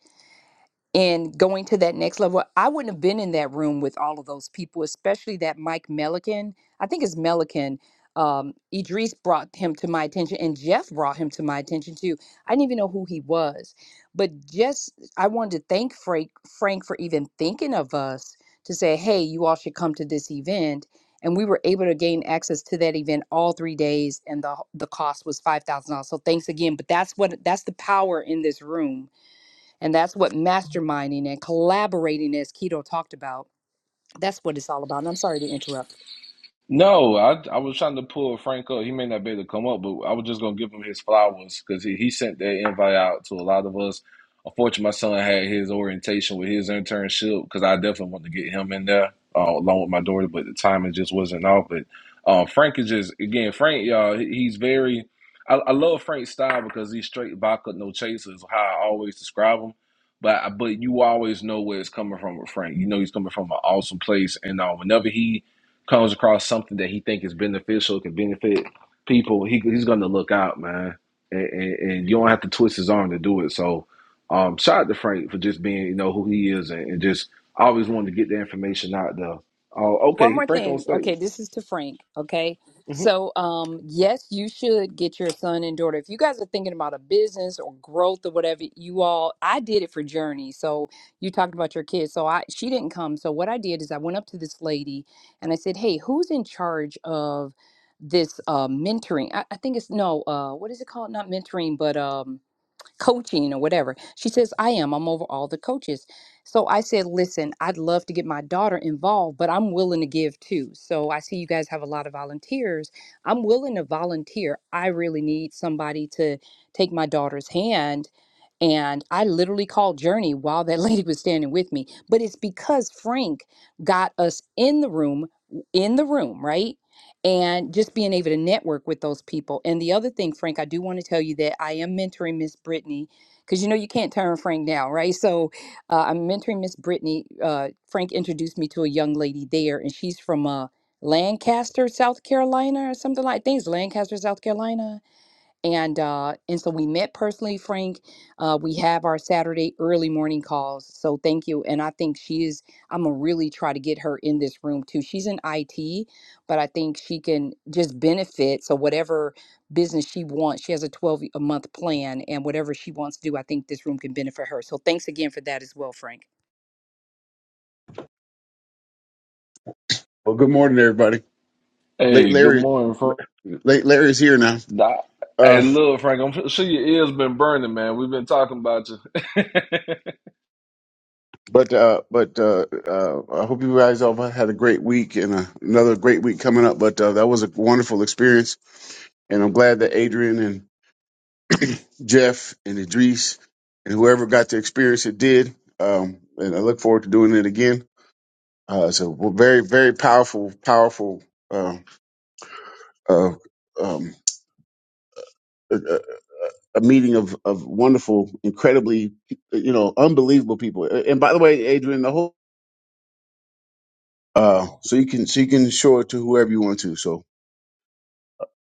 A: and going to that next level. I wouldn't have been in that room with all of those people, especially that Mike Melican. I think it's Melican. Um, Idris brought him to my attention, and Jeff brought him to my attention too. I didn't even know who he was, but just I wanted to thank Frank Frank for even thinking of us to say, "Hey, you all should come to this event." And we were able to gain access to that event all three days, and the the cost was five thousand dollars. So thanks again. But that's what that's the power in this room and that's what masterminding and collaborating, as Keto talked about, that's what it's all about. And I'm sorry to interrupt.
D: No, I I was trying to pull Frank up. He may not be able to come up, but I was just gonna give him his flowers because he, he sent that invite out to a lot of us. Unfortunately, my son had his orientation with his internship because I definitely want to get him in there uh, along with my daughter, but the timing just wasn't off. But uh, Frank is just again Frank, y'all. he- He's very I, I love Frank's style because he's straight vodka, no chaser is How I always describe him. But but you always know where it's coming from with Frank. You know he's coming from an awesome place, and uh, whenever he comes across something that he think is beneficial, can benefit people, he, he's going to look out, man. And, and, and you don't have to twist his arm to do it. So, um, shout out to Frank for just being, you know, who he is and, and just always wanting to get the information out there. Oh,
A: One
D: okay,
A: more
D: Frank on
A: thing. Okay,
D: stage.
A: this is to Frank. Okay.
D: Mhm.
A: So, um, yes, you should get your son and daughter. If you guys are thinking about a business or growth or whatever, you all, I did it for Journey. So you talked about your kids. So I, she didn't come. So what I did is I went up to this lady and I said, Hey, who's in charge of this, uh, mentoring? I, I think it's no, uh, what is it called? Not mentoring, but, um, coaching or whatever. She says, I am. I'm over all the coaches. So I said, Listen, I'd love to get my daughter involved, but I'm willing to give too. So I see you guys have a lot of volunteers. I'm willing to volunteer. I really need somebody to take my daughter's hand and I literally called Journey while that *laughs* lady was standing with me. But it's because Frank got us in the room, in the room, right? And just being able to network with those people. And the other thing, Frank, I do want to tell you that I am mentoring Miss Brittany because you know you can't turn Frank down, right? So uh, I'm mentoring Miss Brittany. Uh, Frank introduced me to a young lady there, and she's from uh, Lancaster, South Carolina, or something like things. Lancaster, South Carolina and uh and so we met personally frank uh we have our saturday early morning calls so thank you and i think she is i'm gonna really try to get her in this room too she's in it but i think she can just benefit so whatever business she wants she has a 12 a month plan and whatever she wants to do i think this room can benefit her so thanks again for that as well frank
M: Well, good morning, everybody. Late
D: Hey, good
M: Larry,
D: morning, Frank.
M: late Larry's here now.
D: Nah, Hey,
M: Uh,
D: look, Frank, I'm sure your ears been burning, man. We've been talking about you. *laughs*
M: but uh, but uh, uh, I hope you guys all had a great week and uh, another great week coming up. But uh, that was a wonderful experience, and I'm glad that Adrian and Jeff and Idris and whoever got to experience it did. Um, and I look forward to doing it again. Uh, it's a very very powerful powerful uh, uh, um, a, a a meeting of of wonderful, incredibly you know unbelievable people. And by the way, Adrian, the whole Uh, so you can so you can show it to whoever you want to. So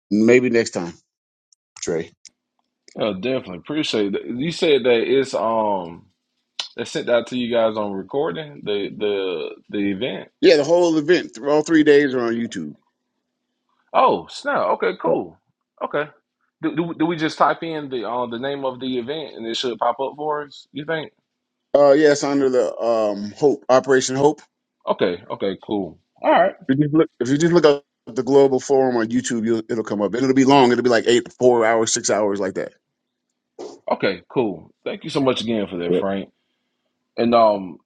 M: maybe next time, Trey.
D: oh, definitely appreciate it. You said that it's um They sent out to you guys on recording the the the event.
M: Yeah, the whole event, th- all three days are on YouTube.
D: Oh, snap. Okay, cool. Okay. Do, do, do we just type in the uh, the name of the event and it should pop up for us? You think?
M: Uh, yeah, it's under the um Hope Operation Hope.
D: Okay. Okay. Cool. All right.
M: If you just look, if you just look up the Global Forum on YouTube, you'll, it'll come up. And it'll be long. It'll be like eight, four hours, six hours, like that.
D: Okay. Cool. Thank you so much again for that, Frank. And um,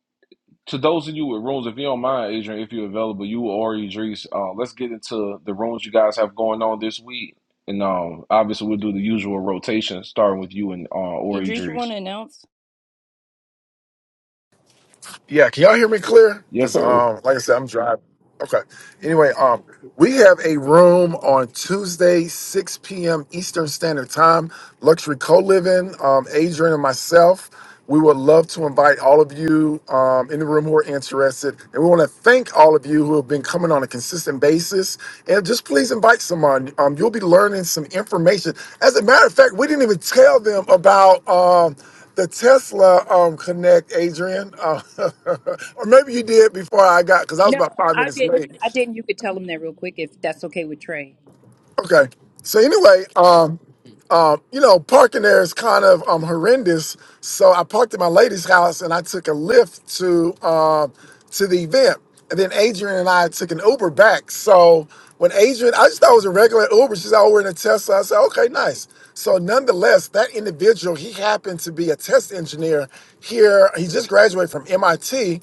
D: to those of you with rooms, if you don't mind, Adrian, if you're available, you or Idris, uh, let's get into the rooms you guys have going on this week. And um, obviously we'll do the usual rotation, starting with you and uh, or
A: idris you want
D: Idris.
A: to announce
F: Yeah, can y'all hear me clear?
D: Yes,
F: Because
D: sir.
F: um, like I said, I'm driving. Okay. Anyway, um, we have a room on Tuesday, 6 p.m. Eastern Standard Time, luxury co-living. Um, Adrian and myself. We would love to invite all of you um, in the room who are interested. And we want to thank all of you who have been coming on a consistent basis. And just please invite someone. Um, you'll be learning some information. As a matter of fact, we didn't even tell them about um, the Tesla um, Connect, Adrian, uh, *laughs* or maybe you did before I got because I was
A: No,
F: about five
A: I
F: minutes
A: didn't.
F: late.
A: I didn't. You could tell him that real quick if that's okay with Trey.
F: Okay. So anyway, um, um, you know, parking there is kind of um horrendous. So I parked at my lady's house and I took a lift to um to the event. And then Adrian and I took an Uber back. So when Adrian, I just thought it was a regular Uber. She's like, oh, we're in a Tesla. I said, okay, nice. So nonetheless, that individual, he happened to be a test engineer here. He just graduated from MIT.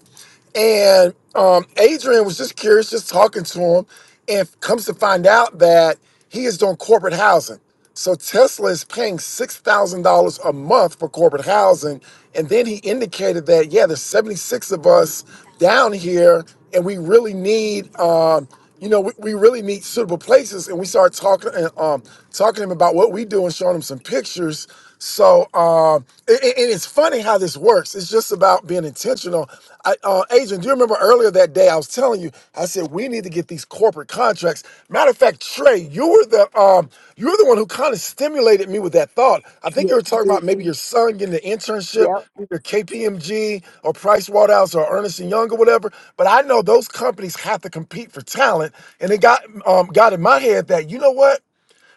F: And um, Adrian was just curious, just talking to him, and comes to find out that he is doing corporate housing. So Tesla is paying six thousand dollars a month for corporate housing, and then he indicated that yeah, there's seventy six of us down here, and we really need, um, you know, we, we really need suitable places. And we started talking and um, talking to him about what we do and showing him some pictures. So, um, and, and- it's funny how this works. It's just about being intentional. I, uh, Adrian, do you remember earlier that day I was telling you? I said we need to get these corporate contracts. Matter of fact, Trey, you were the um, you were the one who kind of stimulated me with that thought. I think you
A: yes
F: were talking
A: you
F: about
A: did
F: maybe your son getting an internship,
A: yep
F: either KPMG or Price Waterhouse or Ernest and Young or whatever. But I know those companies have to compete for talent, and it got um, got in my head that you know what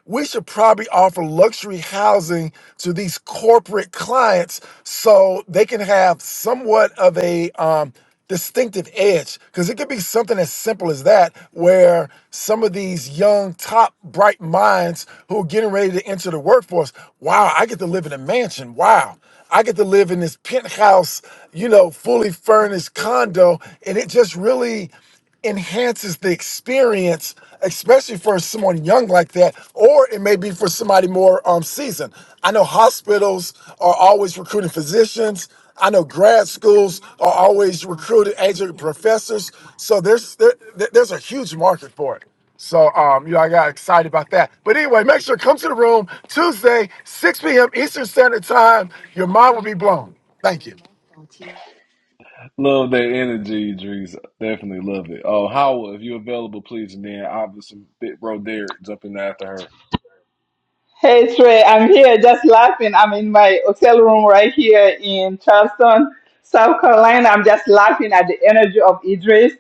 F: we should probably offer luxury housing to these corporate clients so they can have somewhat of a um, distinctive edge because it could be something as simple as that where some of these young top bright minds who are getting ready to enter the workforce wow i get to live in a mansion wow i get to live in this penthouse you know fully furnished condo and it just really enhances the experience, especially for someone young like that, or it may be for somebody more um, seasoned. I know hospitals are always recruiting physicians. I know grad schools are always recruiting adjunct professors. So there's there, there- there's a huge market for it. So um, you know, I got excited about that. But anyway, make sure to come to the room Tuesday, 6 p.m. Eastern Standard Time. Your mind will be blown. Thank you.
D: Love that energy, Idris. Definitely love it. Oh, Howard, if you're available, please. And then obviously, Big Bro Derek jumping after her.
B: Hey Trey, I'm here just laughing. I'm in my hotel room right here in Charleston, South Carolina. I'm just laughing at the energy of Idris.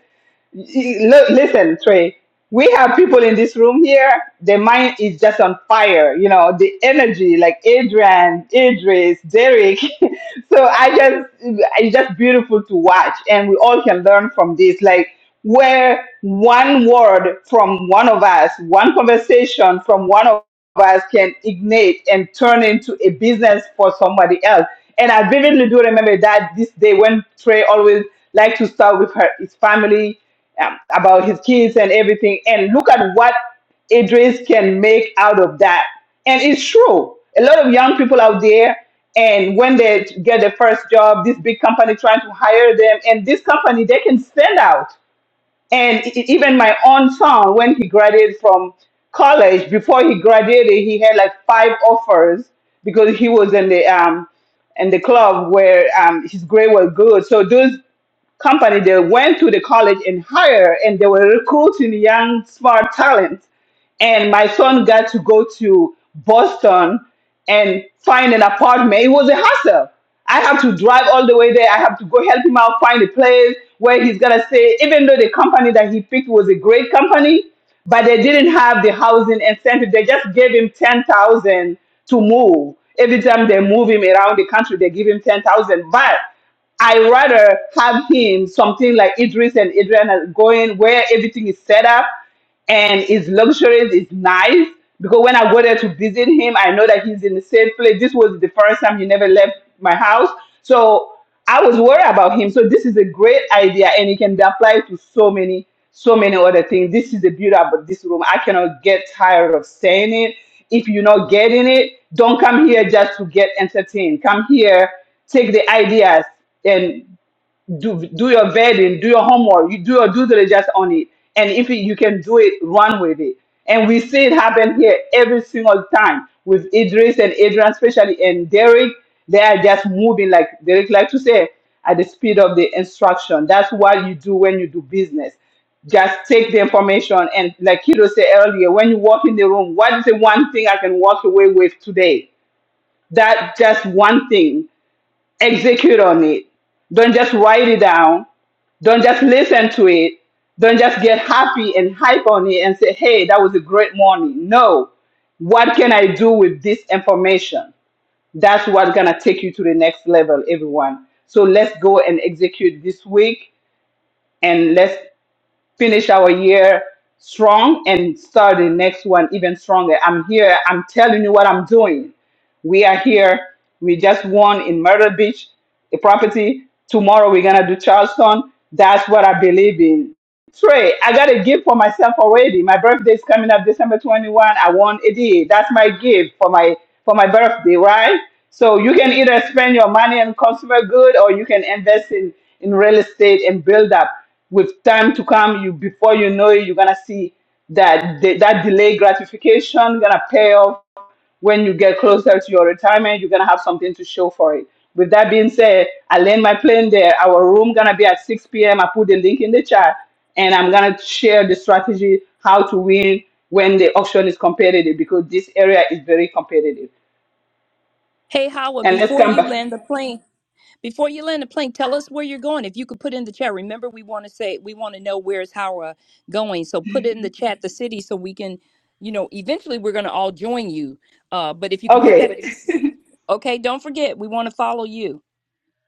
B: You- lo- Listen, Trey, we have people in this room here, their mind is just on fire. You know, the energy, like Adrian, Idris, Derek, *laughs* so I just it's just beautiful to watch, and we all can learn from this. Like where one word from one of us, one conversation from one of us can ignite and turn into a business for somebody else. And I vividly do remember that this day when Trey always liked to start with her his family um, about his kids and everything, and look at what Idris can make out of that. And it's true. A lot of young people out there, and when they get their first job, this big company trying to hire them, and this company, they can stand out. And e- e- even my own son, when he graduated from college, before he graduated, he had like five offers because he was in the um, in the club where um, his grade was good. So those company they went to the college and hired and they were recruiting young smart talent and my son got to go to boston and find an apartment it was a hassle i have to drive all the way there i have to go help him out find a place where he's going to stay even though the company that he picked was a great company but they didn't have the housing incentive they just gave him 10000 to move every time they move him around the country they give him 10000 but I rather have him something like Idris and Adrian are going where everything is set up and it's luxurious, it's nice. Because when I go there to visit him, I know that he's in the same place. This was the first time he never left my house. So I was worried about him. So this is a great idea and it can be applied to so many, so many other things. This is the beauty about this room. I cannot get tired of saying it. If you're not getting it, don't come here just to get entertained. Come here, take the ideas and do do your vetting, do your homework, you do your due diligence on it, and if it, you can do it, run with it. And we see it happen here every single time with Idris and Adrian, especially and Derek. They are just moving like Derek like to say at the speed of the instruction. That's what you do when you do business. Just take the information and like Kido said earlier, when you walk in the room, what is the one thing I can walk away with today? That just one thing Execute on it. Don't just write it down. Don't just listen to it. Don't just get happy and hype on it and say, hey, that was a great morning. No. What can I do with this information? That's what's going to take you to the next level, everyone. So let's go and execute this week and let's finish our year strong and start the next one even stronger. I'm here. I'm telling you what I'm doing. We are here. We just won in Myrtle Beach, a property. Tomorrow we're gonna do Charleston. That's what I believe in. Trey, I got a gift for myself already. My birthday is coming up December 21. I want a day. That's my gift for my for my birthday, right? So you can either spend your money on consumer good or you can invest in in real estate and build up. With time to come, you before you know it, you're gonna see that that delay gratification gonna pay off when you get closer to your retirement, you're gonna have something to show for it. With that being said, I land my plane there. Our room gonna be at 6 p.m. I put the link in the chat, and I'm gonna share the strategy how to win when the auction is competitive because this area is very competitive.
A: Hey, Howard,
B: And let's
A: before
B: come
A: you
B: back.
A: land the plane, Before you land the plane, tell us where you're going. If you could put in the chat, remember we want to say we want to know where's Howrah going. So put in the chat the city so we can, you know, eventually we're gonna all join you. Uh, but if you could put that in,
B: Okay. *laughs*
A: okay, don't forget we want to follow you.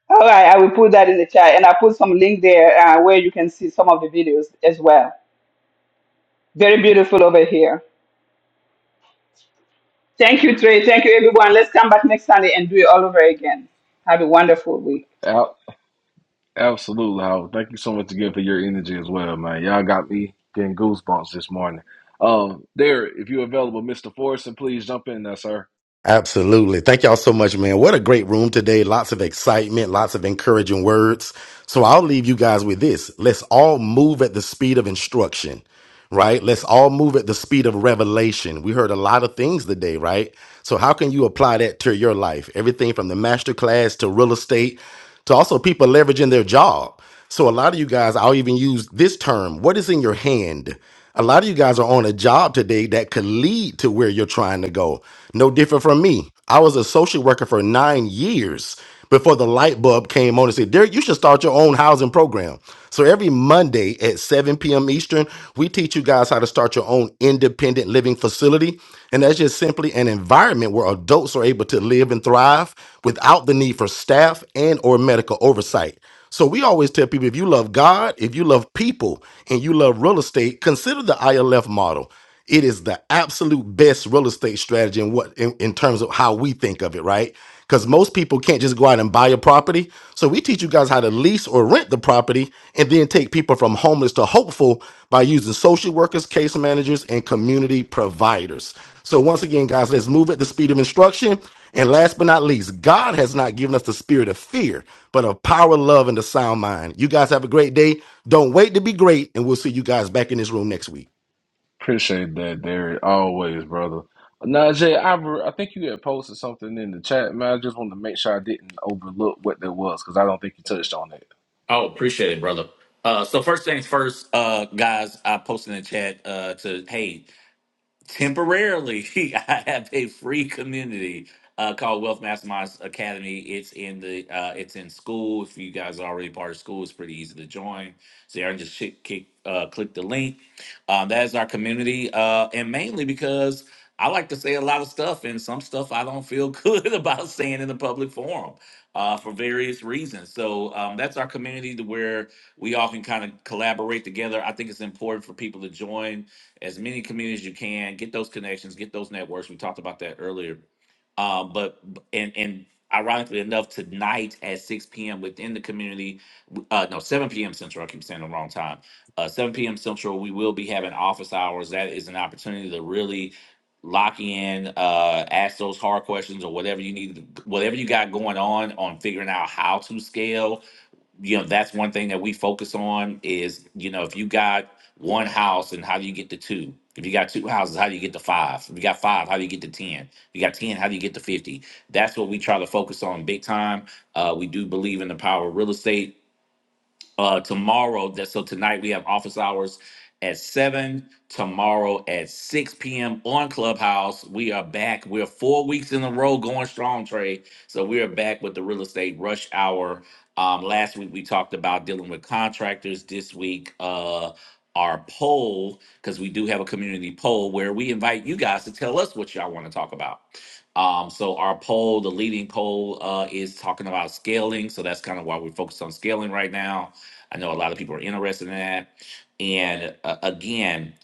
B: All right, I will put that in the chat, and I put some link there uh, where you can see some of the videos as well. Very beautiful over here. Thank you, Trey. Thank you, everyone. Let's come back next Sunday and do it all over again. Have a wonderful week.
D: Out, absolutely, Howard. Thank you so much again for your energy as well, man. Y'all got me getting goosebumps this morning. Um, Derek, if you're available, Mr. Forrest, and please jump in there, sir.
N: Absolutely. Thank y'all so much, man. What a great room today. Lots of excitement, lots of encouraging words. So I'll leave you guys with this. Let's all move at the speed of instruction, right? Let's all move at the speed of revelation. We heard a lot of things today, right? So how can you apply that to your life? Everything from the master class to real estate to also people leveraging their job. So a lot of you guys, I'll even use this term, what is in your hand? A lot of you guys are on a job today that could lead to where you're trying to go. No different from me. I was a social worker for nine years before the light bulb came on and said, Derek, you should start your own housing program. So every Monday at 7 p.m. Eastern, we teach you guys how to start your own own independent living facility. And that's just simply an environment where adults are able to live and thrive without the need for staff and or medical oversight. So we always tell people if you love God, if you love people, and you love real estate, consider the ILF model. It is the absolute best real estate strategy in what in, in terms of how we think of it, right? Because most people can't just go out and buy a property. So we teach you guys how to lease or rent the property and then take people from homeless to hopeful by using social workers, case managers, and community providers. So once again, guys, let's move at the speed of instruction. And last but not least, God has not given us the spirit of fear, but of power, love, and a sound mind. You guys have a great day. Don't wait to be great, and we'll see you guys back in this room next week.
D: Appreciate that, Derek. Always, brother. Najee, I, re- I think you had posted something in the chat, man. I just wanted to make sure I didn't overlook what that was because I don't think you touched on it.
H: Oh, appreciate it, brother. Uh, so first things first, uh, guys, I posted in the chat uh, to hey temporarily *laughs* i have a free community uh, called wealth masterminds academy it's in the uh, it's in school if you guys are already part of school it's pretty easy to join so you just chick- kick, uh, click the link um, that is our community uh, and mainly because i like to say a lot of stuff and some stuff i don't feel *laughs* good about saying in the public forum uh, for various reasons so um, that's our community to where we all can kind of collaborate together i think it's important for people to join as many communities as you can, get those connections, get those networks. We talked about that earlier. Um, but and and ironically enough, tonight at 6 p.m. within the community, uh, no 7 p.m. Central. I keep saying the wrong time. Uh, 7 p.m. Central, we will be having office hours. That is an opportunity to really lock in, uh, ask those hard questions or whatever you need, whatever you got going on on figuring out how to scale you know that's one thing that we focus on is you know if you got one house and how do you get to two if you got two houses how do you get to five if you got five how do you get to ten if you got ten how do you get to 50 that's what we try to focus on big time uh, we do believe in the power of real estate uh tomorrow that so tonight we have office hours at 7 tomorrow at 6 p.m on clubhouse we are back we're four weeks in a row going strong Trey. so we are back with the real estate rush hour um last week we talked about dealing with contractors this week uh our poll because we do have a community poll where we invite you guys to tell us what y'all want to talk about um, so our poll, the leading poll, uh, is talking about scaling. So that's kind of why we're focused on scaling right now I know a lot of people are interested in that. And uh, again,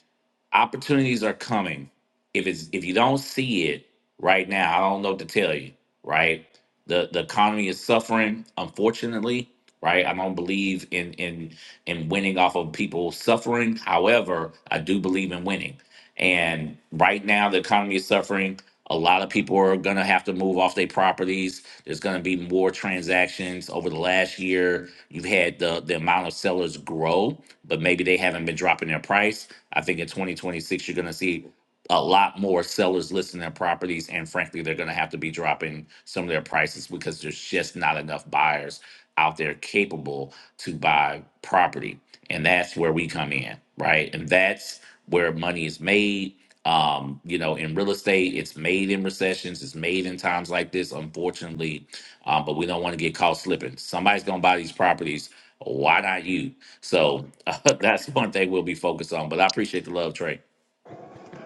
H: opportunities are coming. If it's if you don't see it right now, I don't know what to tell you. Right, the the economy is suffering, unfortunately. Right, I don't believe in in in winning off of people suffering. However, I do believe in winning. And right now, the economy is suffering. A lot of people are gonna have to move off their properties there's going to be more transactions over the last year. You've had the, the amount of sellers grow, but maybe they haven't been dropping their price. I think in 2026, you're going to see a lot more sellers listing their properties and frankly they're going to have to be dropping some of their prices because there's just not enough buyers out there capable to buy property and that's where we come in right and that's where money is made um you know in real estate it's made in recessions it's made in times like this unfortunately um, but we don't want to get caught slipping somebody's going to buy these properties why not you so *laughs* that's one thing we'll be focused on but i appreciate the love trey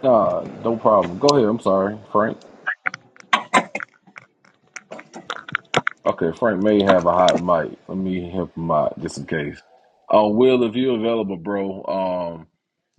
D: Uh, no problem. Go ahead. I'm sorry, Frank. Okay, Frank may have a hot mic. Let me help him out just in case. Uh, Will, if you're available, bro, um,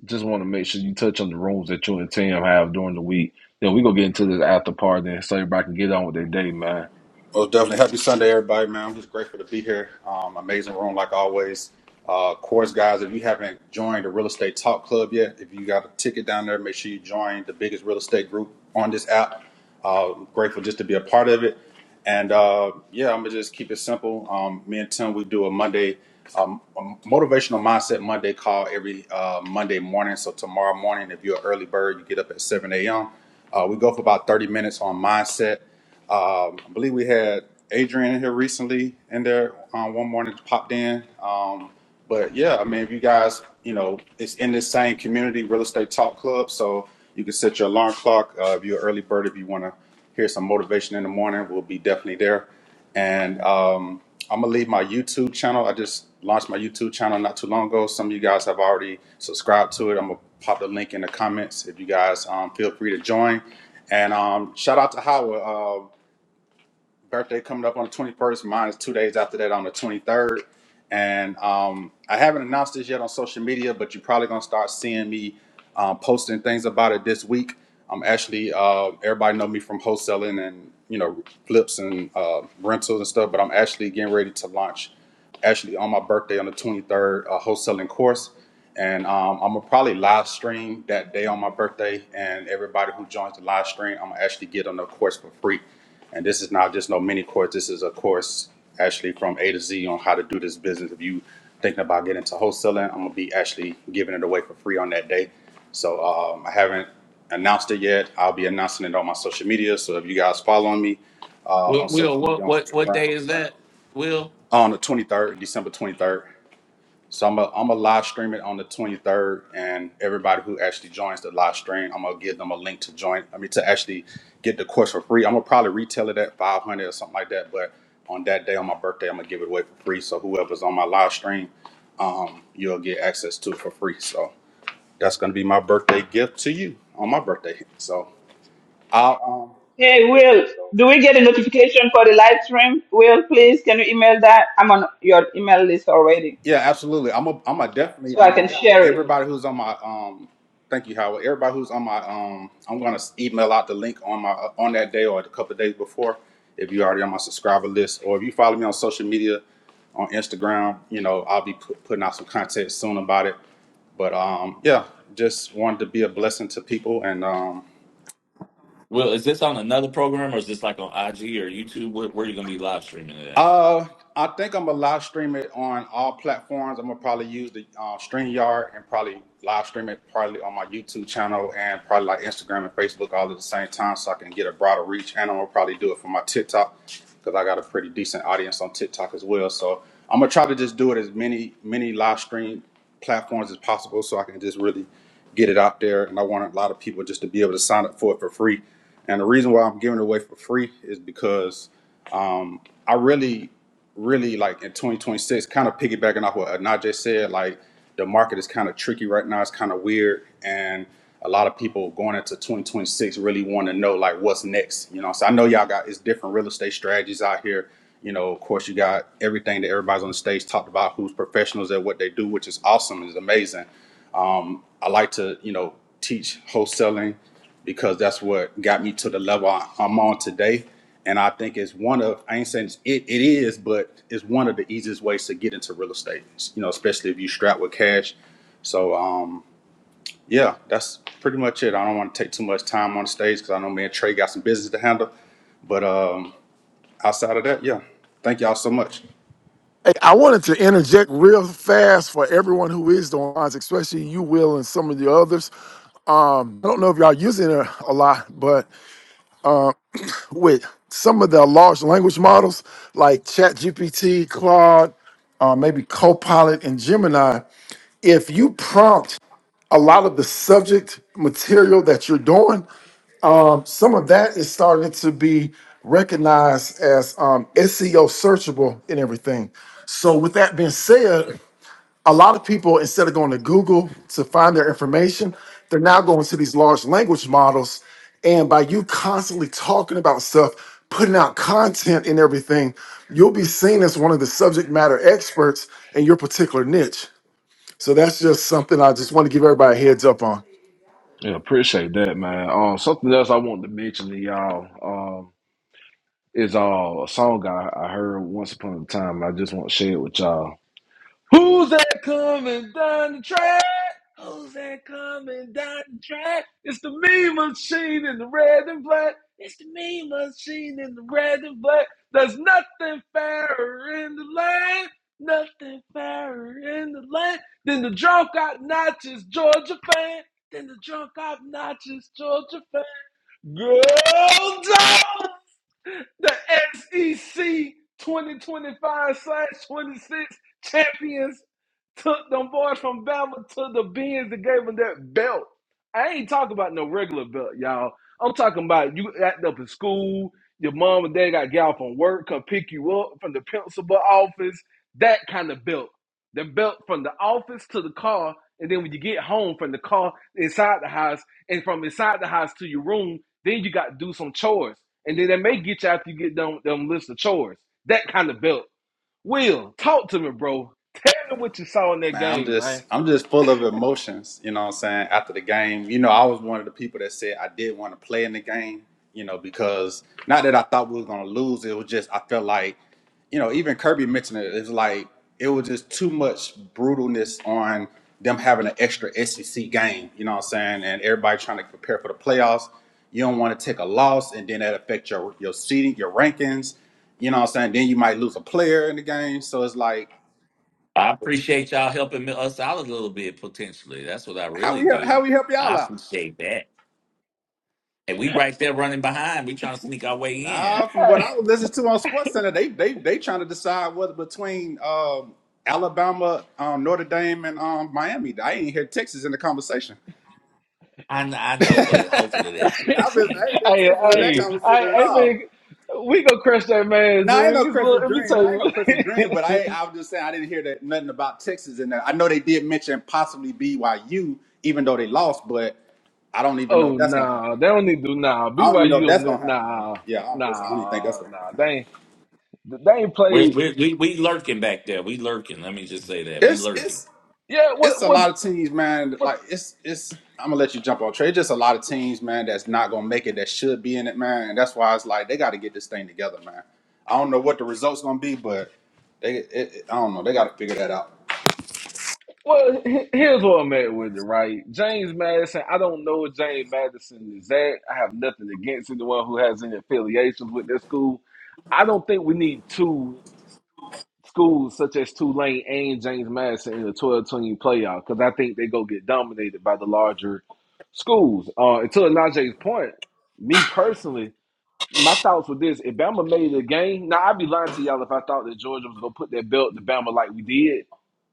D: just want to make sure you touch on the rooms that you and Tim have during the week. Then we gonna get into this after party and so everybody can get on with their day, man.
O: Most definitely. Happy Sunday, everybody, man. I'm just grateful to be here. Um, amazing room, like always. Uh, of course, guys, if you haven't joined the Real Estate Talk Club yet, if you got a ticket down there, make sure you join the biggest real estate group on this app. Uh, grateful just to be a part of it. And uh, yeah, I'm going to just keep it simple. Um, me and Tim, we do a Monday, um, a motivational mindset Monday call every uh, Monday morning. So tomorrow morning, if you're an early bird, you get up at 7 a.m. Uh, we go for about 30 minutes on mindset. Um, I believe we had Adrian in here recently in there um, one morning popped in. Um, but yeah, I mean, if you guys, you know, it's in this same community real estate talk club, so you can set your alarm clock. Uh, if you're an early bird, if you want to hear some motivation in the morning, we'll be definitely there. And um, I'm gonna leave my YouTube channel. I just launched my YouTube channel not too long ago. Some of you guys have already subscribed to it. I'm gonna pop the link in the comments if you guys um, feel free to join. And um, shout out to Howard. Uh, birthday coming up on the 21st. Mine is two days after that on the 23rd. And um, I haven't announced this yet on social media, but you're probably going to start seeing me um, posting things about it this week. I'm actually, uh, everybody know me from wholesaling and, you know, flips and uh, rentals and stuff, but I'm actually getting ready to launch actually on my birthday on the 23rd, a wholesaling course. And um, I'm gonna probably live stream that day on my birthday. And everybody who joins the live stream, I'm gonna actually get on the course for free. And this is not just no mini course. This is a course actually from A to Z on how to do this business. If you thinking about getting into wholesaling, I'm gonna be actually giving it away for free on that day. So um, I haven't announced it yet. I'll be announcing it on my social media. So if you guys follow me uh,
H: Will,
O: on social
H: Will,
O: media
H: what
O: on
H: what what day
O: Instagram
H: is that? Will,
O: on the 23rd, December 23rd. So I'm gonna live stream it on the 23rd, and everybody who actually joins the live stream, I'm gonna give them a link to join. I mean, to actually get the course for free. I'm gonna probably retail it at 500 or something like that. But on that day, on my birthday, I'm gonna give it away for free. So whoever's on my live stream, um, you'll get access to it for free. So that's gonna be my birthday gift to you on my birthday. So I'll um,
B: Hey, Will, So do we get a notification for the live stream? Will, please, can you email that? I'm on your email list already,
O: Yeah, absolutely. I'm a, I'm a definitely
B: so I can
O: um
B: yeah, share it.
O: everybody who's on my um thank you Howard. Everybody who's on my um I'm gonna s- email out the link on my uh, on that day or a couple of days before if you're already on my subscriber list or if you follow me on social media on Instagram, you know I'll be put, putting out some content soon about it. But um yeah, just wanted to be a blessing to people and um
H: Will, is this on another program or is this like on IG or YouTube? Where, where are you gonna be live streaming it at?
O: Uh, I think I'm gonna live stream it on all platforms. I'm gonna probably use the uh, StreamYard and probably live stream it probably on my YouTube channel and probably like Instagram and Facebook all at the same time, so I can get a broader reach. And I'm gonna probably do it for my TikTok because I got a pretty decent audience on TikTok as well. So I'm gonna try to just do it as many many live stream platforms as possible, so I can just really get it out there. And I want a lot of people just to be able to sign up for it for free. And the reason why I'm giving it away for free is because I really, really like in 2026, kind of piggybacking off what Najee said, like the market is kind of tricky right now. It's kind of weird. And a lot of people going into 2026 really want to know like what's next. You know, so I know y'all got it's different real estate strategies out here. You know, of course you got everything that everybody's on the stage talked about who's professionals at what they do, which is awesome, is amazing. I like to, you know, teach wholesaling because that's what got me to the level I, I'm on today. And I think it's one of, I ain't saying it's- it, it is, but it's one of the easiest ways to get into real estate, you know, especially if you strapped with cash. So, um, yeah, that's pretty much it. I don't want to take too much time on the stage because I know me and Trey got some business to handle. But um, outside of that, yeah, thank y'all so much.
F: Hey, I wanted to interject real fast for everyone who is the lines, especially you, Will, and some of the others. Um, I don't know if y'all using it a lot, but with some of the large language models like ChatGPT, Claude, uh, maybe Copilot, and Gemini, if you prompt a lot of the subject material that you're doing, um, some of that is starting to be recognized as um, SEO searchable and everything. So, with that being said, a lot of people instead of going to google to find their information they're now going to these large language models and by you constantly talking about stuff putting out content and everything you'll be seen as one of the subject matter experts in your particular niche so that's just something i just want to give everybody a heads up on
D: Yeah, appreciate that, man. Um, something else I wanted to mention to y'all um, is uh, a song I, I heard once upon a time. I just want to share it with y'all. Who's that coming down the track? Who's that coming down the track? It's the meme machine in the red and black. It's the meme machine in the red and black. There's nothing fairer in the land. Nothing fairer in the land than the drunk obnoxious Georgia fan. Than the drunk obnoxious Georgia fan. Girl, down! The SEC 2025 slash 26 champions took them boys from Bama to the bins and gave them that belt. I ain't talking about no regular belt, y'all. I'm talking about you act up in school, your mom and dad got to get off from work, come pick you up from the principal office, that kind of belt. The belt from the office to the car, and then when you get home from the car inside the house, and from inside the house to your room, then you got to do some chores and then they may get you after you get them them list of chores. That kind of belt. Will, talk to me, bro. Tell me what you saw in that
O: Man, I'm
D: game,
O: just
D: man.
O: I'm just full of emotions, you know what I'm saying, after the game. You know, I was one of the people that said I did want to play in the game, you know, because not that I thought we was gonna lose, it was just I felt like, you know, even Kirby mentioned it, it's like it was just too much brutalness on them having an extra SEC game, you know what I'm saying, and everybody trying to prepare for the playoffs. You don't want to take a loss and then that affect your your seating, your rankings, you know what I'm saying? Then you might lose a player in the game. So it's like,
H: I appreciate y'all helping me- us out a little bit potentially. That's what I
O: how
H: really
O: we help how
H: do.
O: we help
H: I
O: y'all out?
H: appreciate that. And we right there running behind. We trying to sneak our way in.
O: Nah, from what I
D: Hey,
O: was listening to on SportsCenter, they they they trying to decide whether between um, Alabama, um, Notre Dame, and um, Miami. I ain't hear Texas in the conversation.
H: I know, I
O: *laughs* I
H: know, but hopefully they
D: *laughs*
H: sneak
D: hey,
O: have
H: us
O: been
H: in.
O: I ain't hear Texas in
H: They're-
O: that
D: hey,
O: conversation at
D: I
O: all.
D: think we gonna crush that man's
O: Now I ain't no
D: dreams. Look,
O: Chris's
D: let me
O: dream.
D: tell
O: Now I ain't no
D: you.
O: Chris's
D: *laughs*
O: dream. But I I was just saying I didn't hear that nothing about Texas in there. I know they did mention possibly BYU, even though they lost. But I don't even know
D: oh
O: if that's gonna happen.
D: nah, they don't need to do nah.
O: I don't even know if
D: BYU on
O: that's
D: that
O: gonna happen though.
D: nah,
O: Yeah, I don't, Chris, I don't even think that's
D: nah,
O: gonna
D: nah.
O: happen.
D: They ain't, they ain't
H: We're,
D: played.
H: we're, we we lurking back there. We lurking. Let me just say that we
O: It's
H: lurking.
O: it's
D: Yeah,
O: it's
D: what,
O: a
D: what,
O: lot of teams, man.
D: what?
O: Like it's it's. I'm gonna let you jump on trade. Just a lot of teams, man, that's not gonna make it. That should be in it, man. And that's why it's like they got to get this thing together, man. I don't know what the results gonna be, but they. It, it, I don't know. They got to figure that out.
D: Well, he- here's what I'm at with it, right? James Madison, I don't know what James Madison is at. I have nothing against anyone who has any affiliations with this school. I don't think we need two schools such as Tulane and James Madison in the 12 team playoff because I think they go get dominated by the larger schools. Uh, and to Elijah's point, me personally, my thoughts with this, if Bama made the game, now I'd be lying to y'all if I thought that Georgia was gonna put that belt to Bama like we did.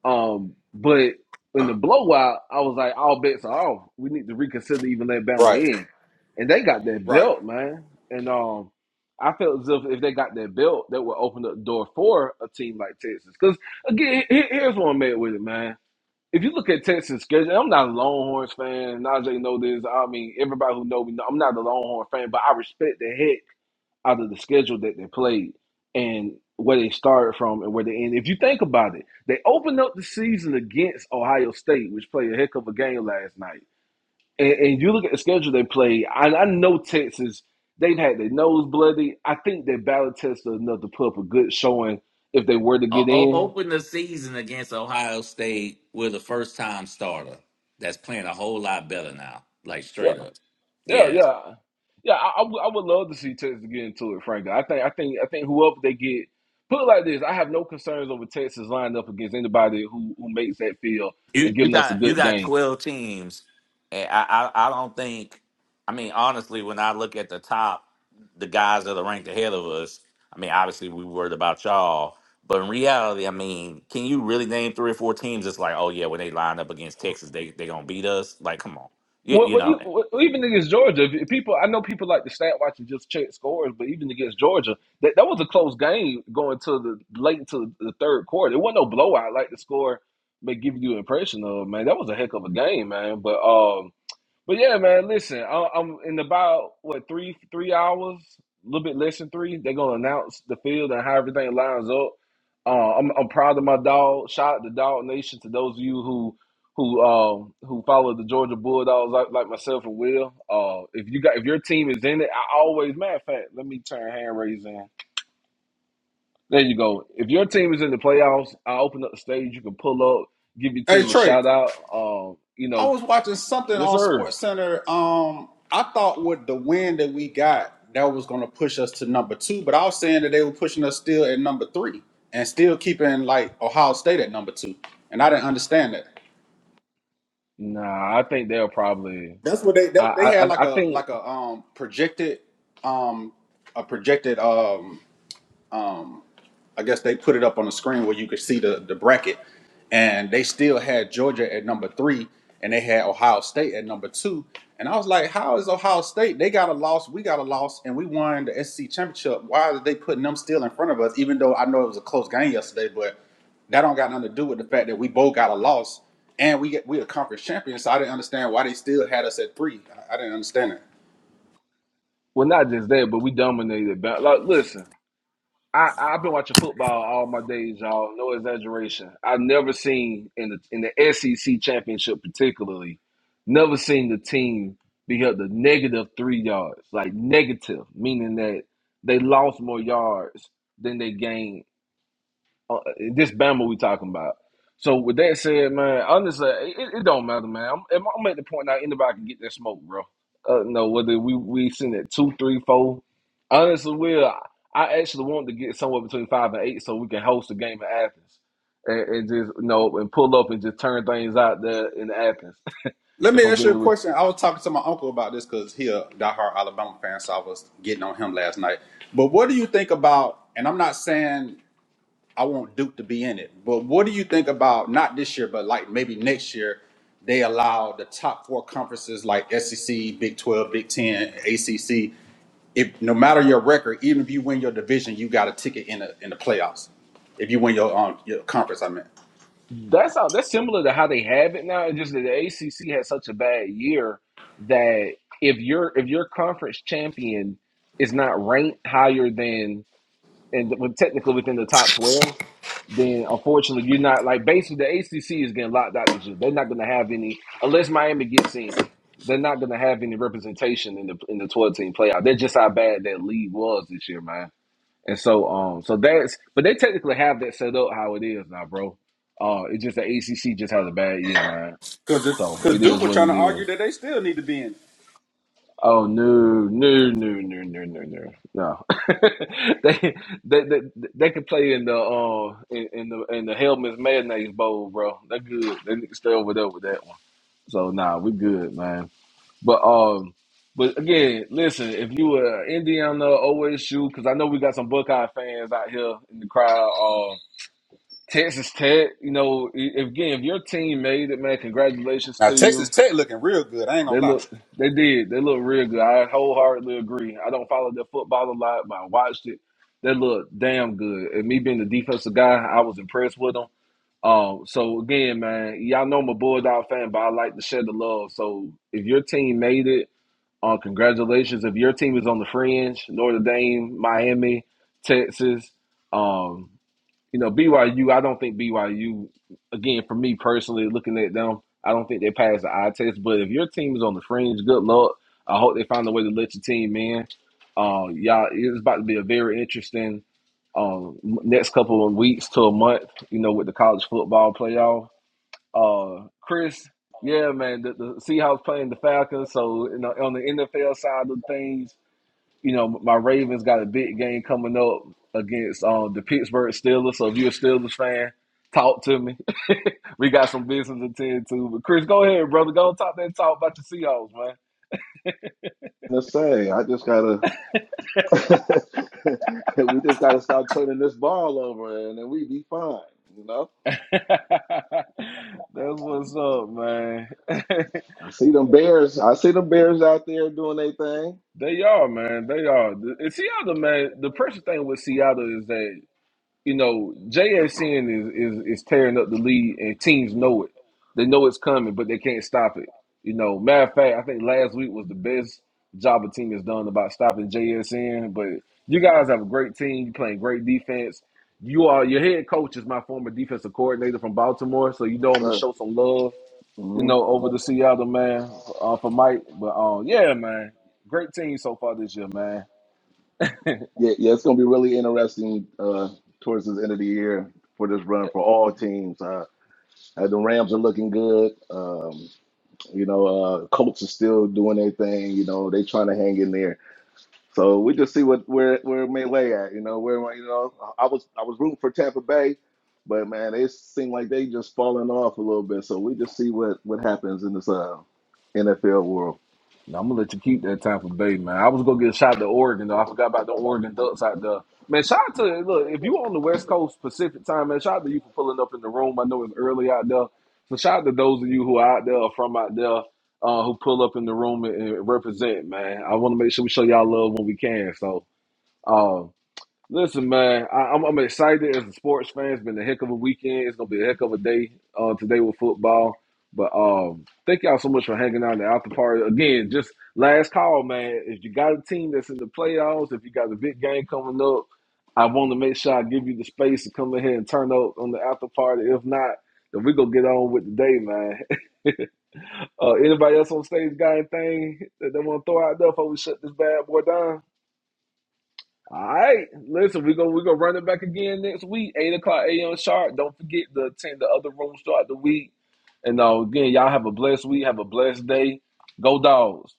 D: Um, but in the blowout, I was like, all bets are off. We need to reconsider even let Bama
O: Right.
D: in. And they got that
O: Right.
D: belt, man. And um I felt as if if they got that belt, that would open up the door for a team like Texas. Because again, here- here's what I'm at with it, man. If you look at Texas schedule, and I'm not a Longhorns fan. Najee know this. I mean, everybody who know me, know, I'm not a Longhorn fan, but I respect the heck out of the schedule that they played and where they started from and where they end. If you think about it, they opened up the season against Ohio State, which played a heck of a game last night. And, and you look at the schedule they played, I, I know Texas, they've had their nose bloody. I think their ballot test is enough to put up a good showing if they were to
H: O-
D: get
H: o-
D: in.
H: open the season against Ohio State with a first time starter that's playing a whole lot better now. Like straight up,
D: Yeah,
H: yeah.
D: yeah, yeah. I, I, w- I would love to see Texas get into it, frankly. I think I think I think whoever they get, put it like this, I have no concerns over Texas lining up against anybody who who makes that field and
H: You you
D: giving us a
H: got you
D: good
H: got
D: game.
H: twelve teams, and I I, I don't think. I mean, honestly, when I look at the top, the guys that are ranked ahead of us. I mean, obviously, we worried about y'all, but in reality, I mean, can you really name three or four teams? It's like, oh yeah, when they line up against Texas, they they gonna beat us. Like, come on, you,
D: Well,
H: you
D: but e-
H: know,
D: well, even against Georgia, if- if people I know people like to stat watch and just check scores, but even against Georgia, that, that was a close game going to the late to the third quarter. It wasn't no blowout like the score may give you an impression of. Man, that was a heck of a game, man. But um. But yeah, man, listen, I, I'm in about what three three hours, a little bit less than three. They're gonna announce the field and how everything lines up. Uh, I'm I'm proud of my dog. Shout out to Dog Nation to those of you who who um who follow the Georgia Bulldogs like, like myself and Will. Uh, if you got if your team is in it, I always matter of fact, let me turn hand raise in. There you go. If your team is in the playoffs, I open up the stage. You can pull up, give your
O: Hey
D: team a
O: Trey,
D: shout out. Um, you
O: I
D: know,
O: was watching something
D: yes
O: on
D: sir.
O: Sports Center. Um, I thought with the win that we got, that was gonna push us to number two, but I was saying that they were pushing us still at number three and still keeping like Ohio State at number two, and I didn't understand that.
D: Nah, I think they'll probably.
O: That's what they
D: I,
O: that, they
D: I
O: had like
D: I I
O: a
D: think
O: like a um projected um a projected um I guess they put it up on the screen where you could see the, the bracket, and they still had Georgia at number three, and they had Ohio State at number two. And I was like, how is Ohio State? They got a loss, we got a loss, and we won the SEC championship. Why are they putting them still in front of us? Even though I know it was a close game yesterday, but that don't got nothing to do with the fact that we both got a loss and we get we a conference champion. So I didn't understand why they still had us at three. I, I didn't understand it.
D: well, not just that, but we dominated. But like, listen, I I've been watching football all my days, y'all. No exaggeration. I've never seen in the in the SEC championship, particularly, never seen the team be held to negative three yards, like negative, meaning that they lost more yards than they gained uh, this Bama we talking about. So with that said, man, honestly, it, it don't matter, man. I'm, I'm I'm at the point now anybody can get that smoke, bro. Uh, no, whether we we sitting at two, three, four. Honestly, Will, I I actually want to get somewhere between five and eight so we can host a game in Athens and, and just you know and pull up and just turn things out there in Athens. *laughs*
O: Let
D: If
O: me
D: I'm
O: ask you
D: being
O: a
D: real.
O: question. I was talking to my uncle about this because he a diehard Alabama fan, so I was getting on him last night. But what do you think about? And I'm not saying I want Duke to be in it, but what do you think about not this year, but like maybe next year? They allow the top four conferences like SEC, Big 12, Big 10, ACC. If no matter your record, even if you win your division, you got a ticket in the in the playoffs. If you win your um, your conference, I meant
D: That's how that's similar to how they have it now. It's just that the ACC had such a bad year that if your if your conference champion is not ranked higher than and technically within the top twelve, then unfortunately you're not like basically the ACC is getting locked out this year. They're not going to have any unless Miami gets in. They're not going to have any representation in the in the twelve team playoff. That's just how bad that league was this year, man. And so, um, so that's but they technically have that set up how it is now, bro. Uh, it's just the ACC just has a bad year, man.
O: because
D: So
O: because
D: it
O: Duke
D: is
O: was
D: what
O: trying
D: it
O: to argue
D: is.
O: that they still need to be in. it.
D: Oh no, no, no, no, no, no, no, no. *laughs* they, they, they, they could play in the uh in, in the in the Helmets Mayonnaise Bowl, bro. They're good. They need to stay over there with that one. So nah, we good, man. But um, but again, listen, if you were Indiana, OSU, because I know we got some Buckeye fans out here in the crowd. Um, Texas Tech, you know, i- again, if your team made it, man, congratulations
O: Now
D: to
O: Texas
D: you.
O: Tech looking real good. I ain't gonna
D: They
O: lie.
D: look, they did, they look real good. I wholeheartedly agree. I don't follow their football a lot, but I watched it. They look damn good. And me being the defensive guy, I was impressed with them. Um, so again, man, y'all know I'm a Bulldog fan, but I like to share the love. So if your team made it, uh, congratulations. If your team is on the fringe, Notre Dame, Miami, Texas, um, you know, BYU, I don't think BYU, again, for me personally, looking at them, I don't think they pass the eye test. But if your team is on the fringe, good luck. I hope they find a way to let your team in. Uh, y'all, it's about to be a very interesting um, next couple of weeks to a month, you know, with the college football playoff. Uh, Chris, yeah, man, the, the Seahawks playing the Falcons. So, you know, on the NFL side of things, you know, my Ravens got a big game coming up against um, the Pittsburgh Steelers. So, if you're a Steelers fan, talk to me. *laughs* We got some business to tend to. But, Chris, go ahead, brother. Go and talk that talk about the Seahawks,
P: To say I just gotta. *laughs* we just gotta stop turning this ball over, and then we be fine. You know.
D: man. *laughs* That's what's up, man.
P: I see them bears. I see them bears out there doing their thing.
D: *laughs* they are, man. They are. And Seattle, man, the pressure thing with Seattle is that. you know, JSN is, is is tearing up the lead, and teams know it. They know it's coming, but they can't stop it. You know, matter of fact, I think last week was the best job a team has done about stopping JSN. But you
P: Mhm.
D: guys have a great team. You playing great defense. You are your head coach is my former defensive coordinator from Baltimore, so you know
P: Yes,
D: I'm gonna
P: sir.
D: show some love. You
P: hmm
D: know, over the Seattle man uh, for Mike. But um, yeah, man, great team so far this year, man.
P: Yeah, yeah. It's gonna be really interesting uh, towards the end of the year for this run for all teams. Uh, uh, the Rams are looking good. Um, you know, uh, Colts are still doing their thing. You know, they trying to hang in there So we just see what where where it may lay at. You know where you know I was I was rooting for Tampa Bay, but man, it seemed like they just falling off a little bit. So we just see what what happens in this uh, NFL world.
D: No, I'm gonna let you keep that time for Bay, man. I was gonna get a shot to Oregon though. I forgot about the Oregon Ducks out there. Man, shout out to look if you on the West Coast Pacific time, man. Shout out to you for pulling up in the room. I know it's early out there, so shout out to those of you who are out there or from out there uh, who pull up in the room and, and represent, man. I want to make sure we show y'all love when we can. So. uh, Listen, man, I, I'm, I'm excited as a sports fan. It's been a heck of a weekend. It's gonna be a heck of a day uh, today with football. But um, thank y'all so much for hanging out in the after party again. Just last call, man. If you got a team that's in the playoffs, if you got a big game coming up, I want to make sure I give you the space to come in here and turn up on the after party. If not, then we gonna get on with the day, man. *laughs* uh, anybody else on stage got anything that they want to throw out there before we shut this bad boy down? All right, listen, we're gonna we're gonna run it back again next week, eight o'clock a.m. sharp. Don't forget to attend the other rooms throughout the week. And uh, again, y'all have a blessed week, have a blessed day. Go dogs.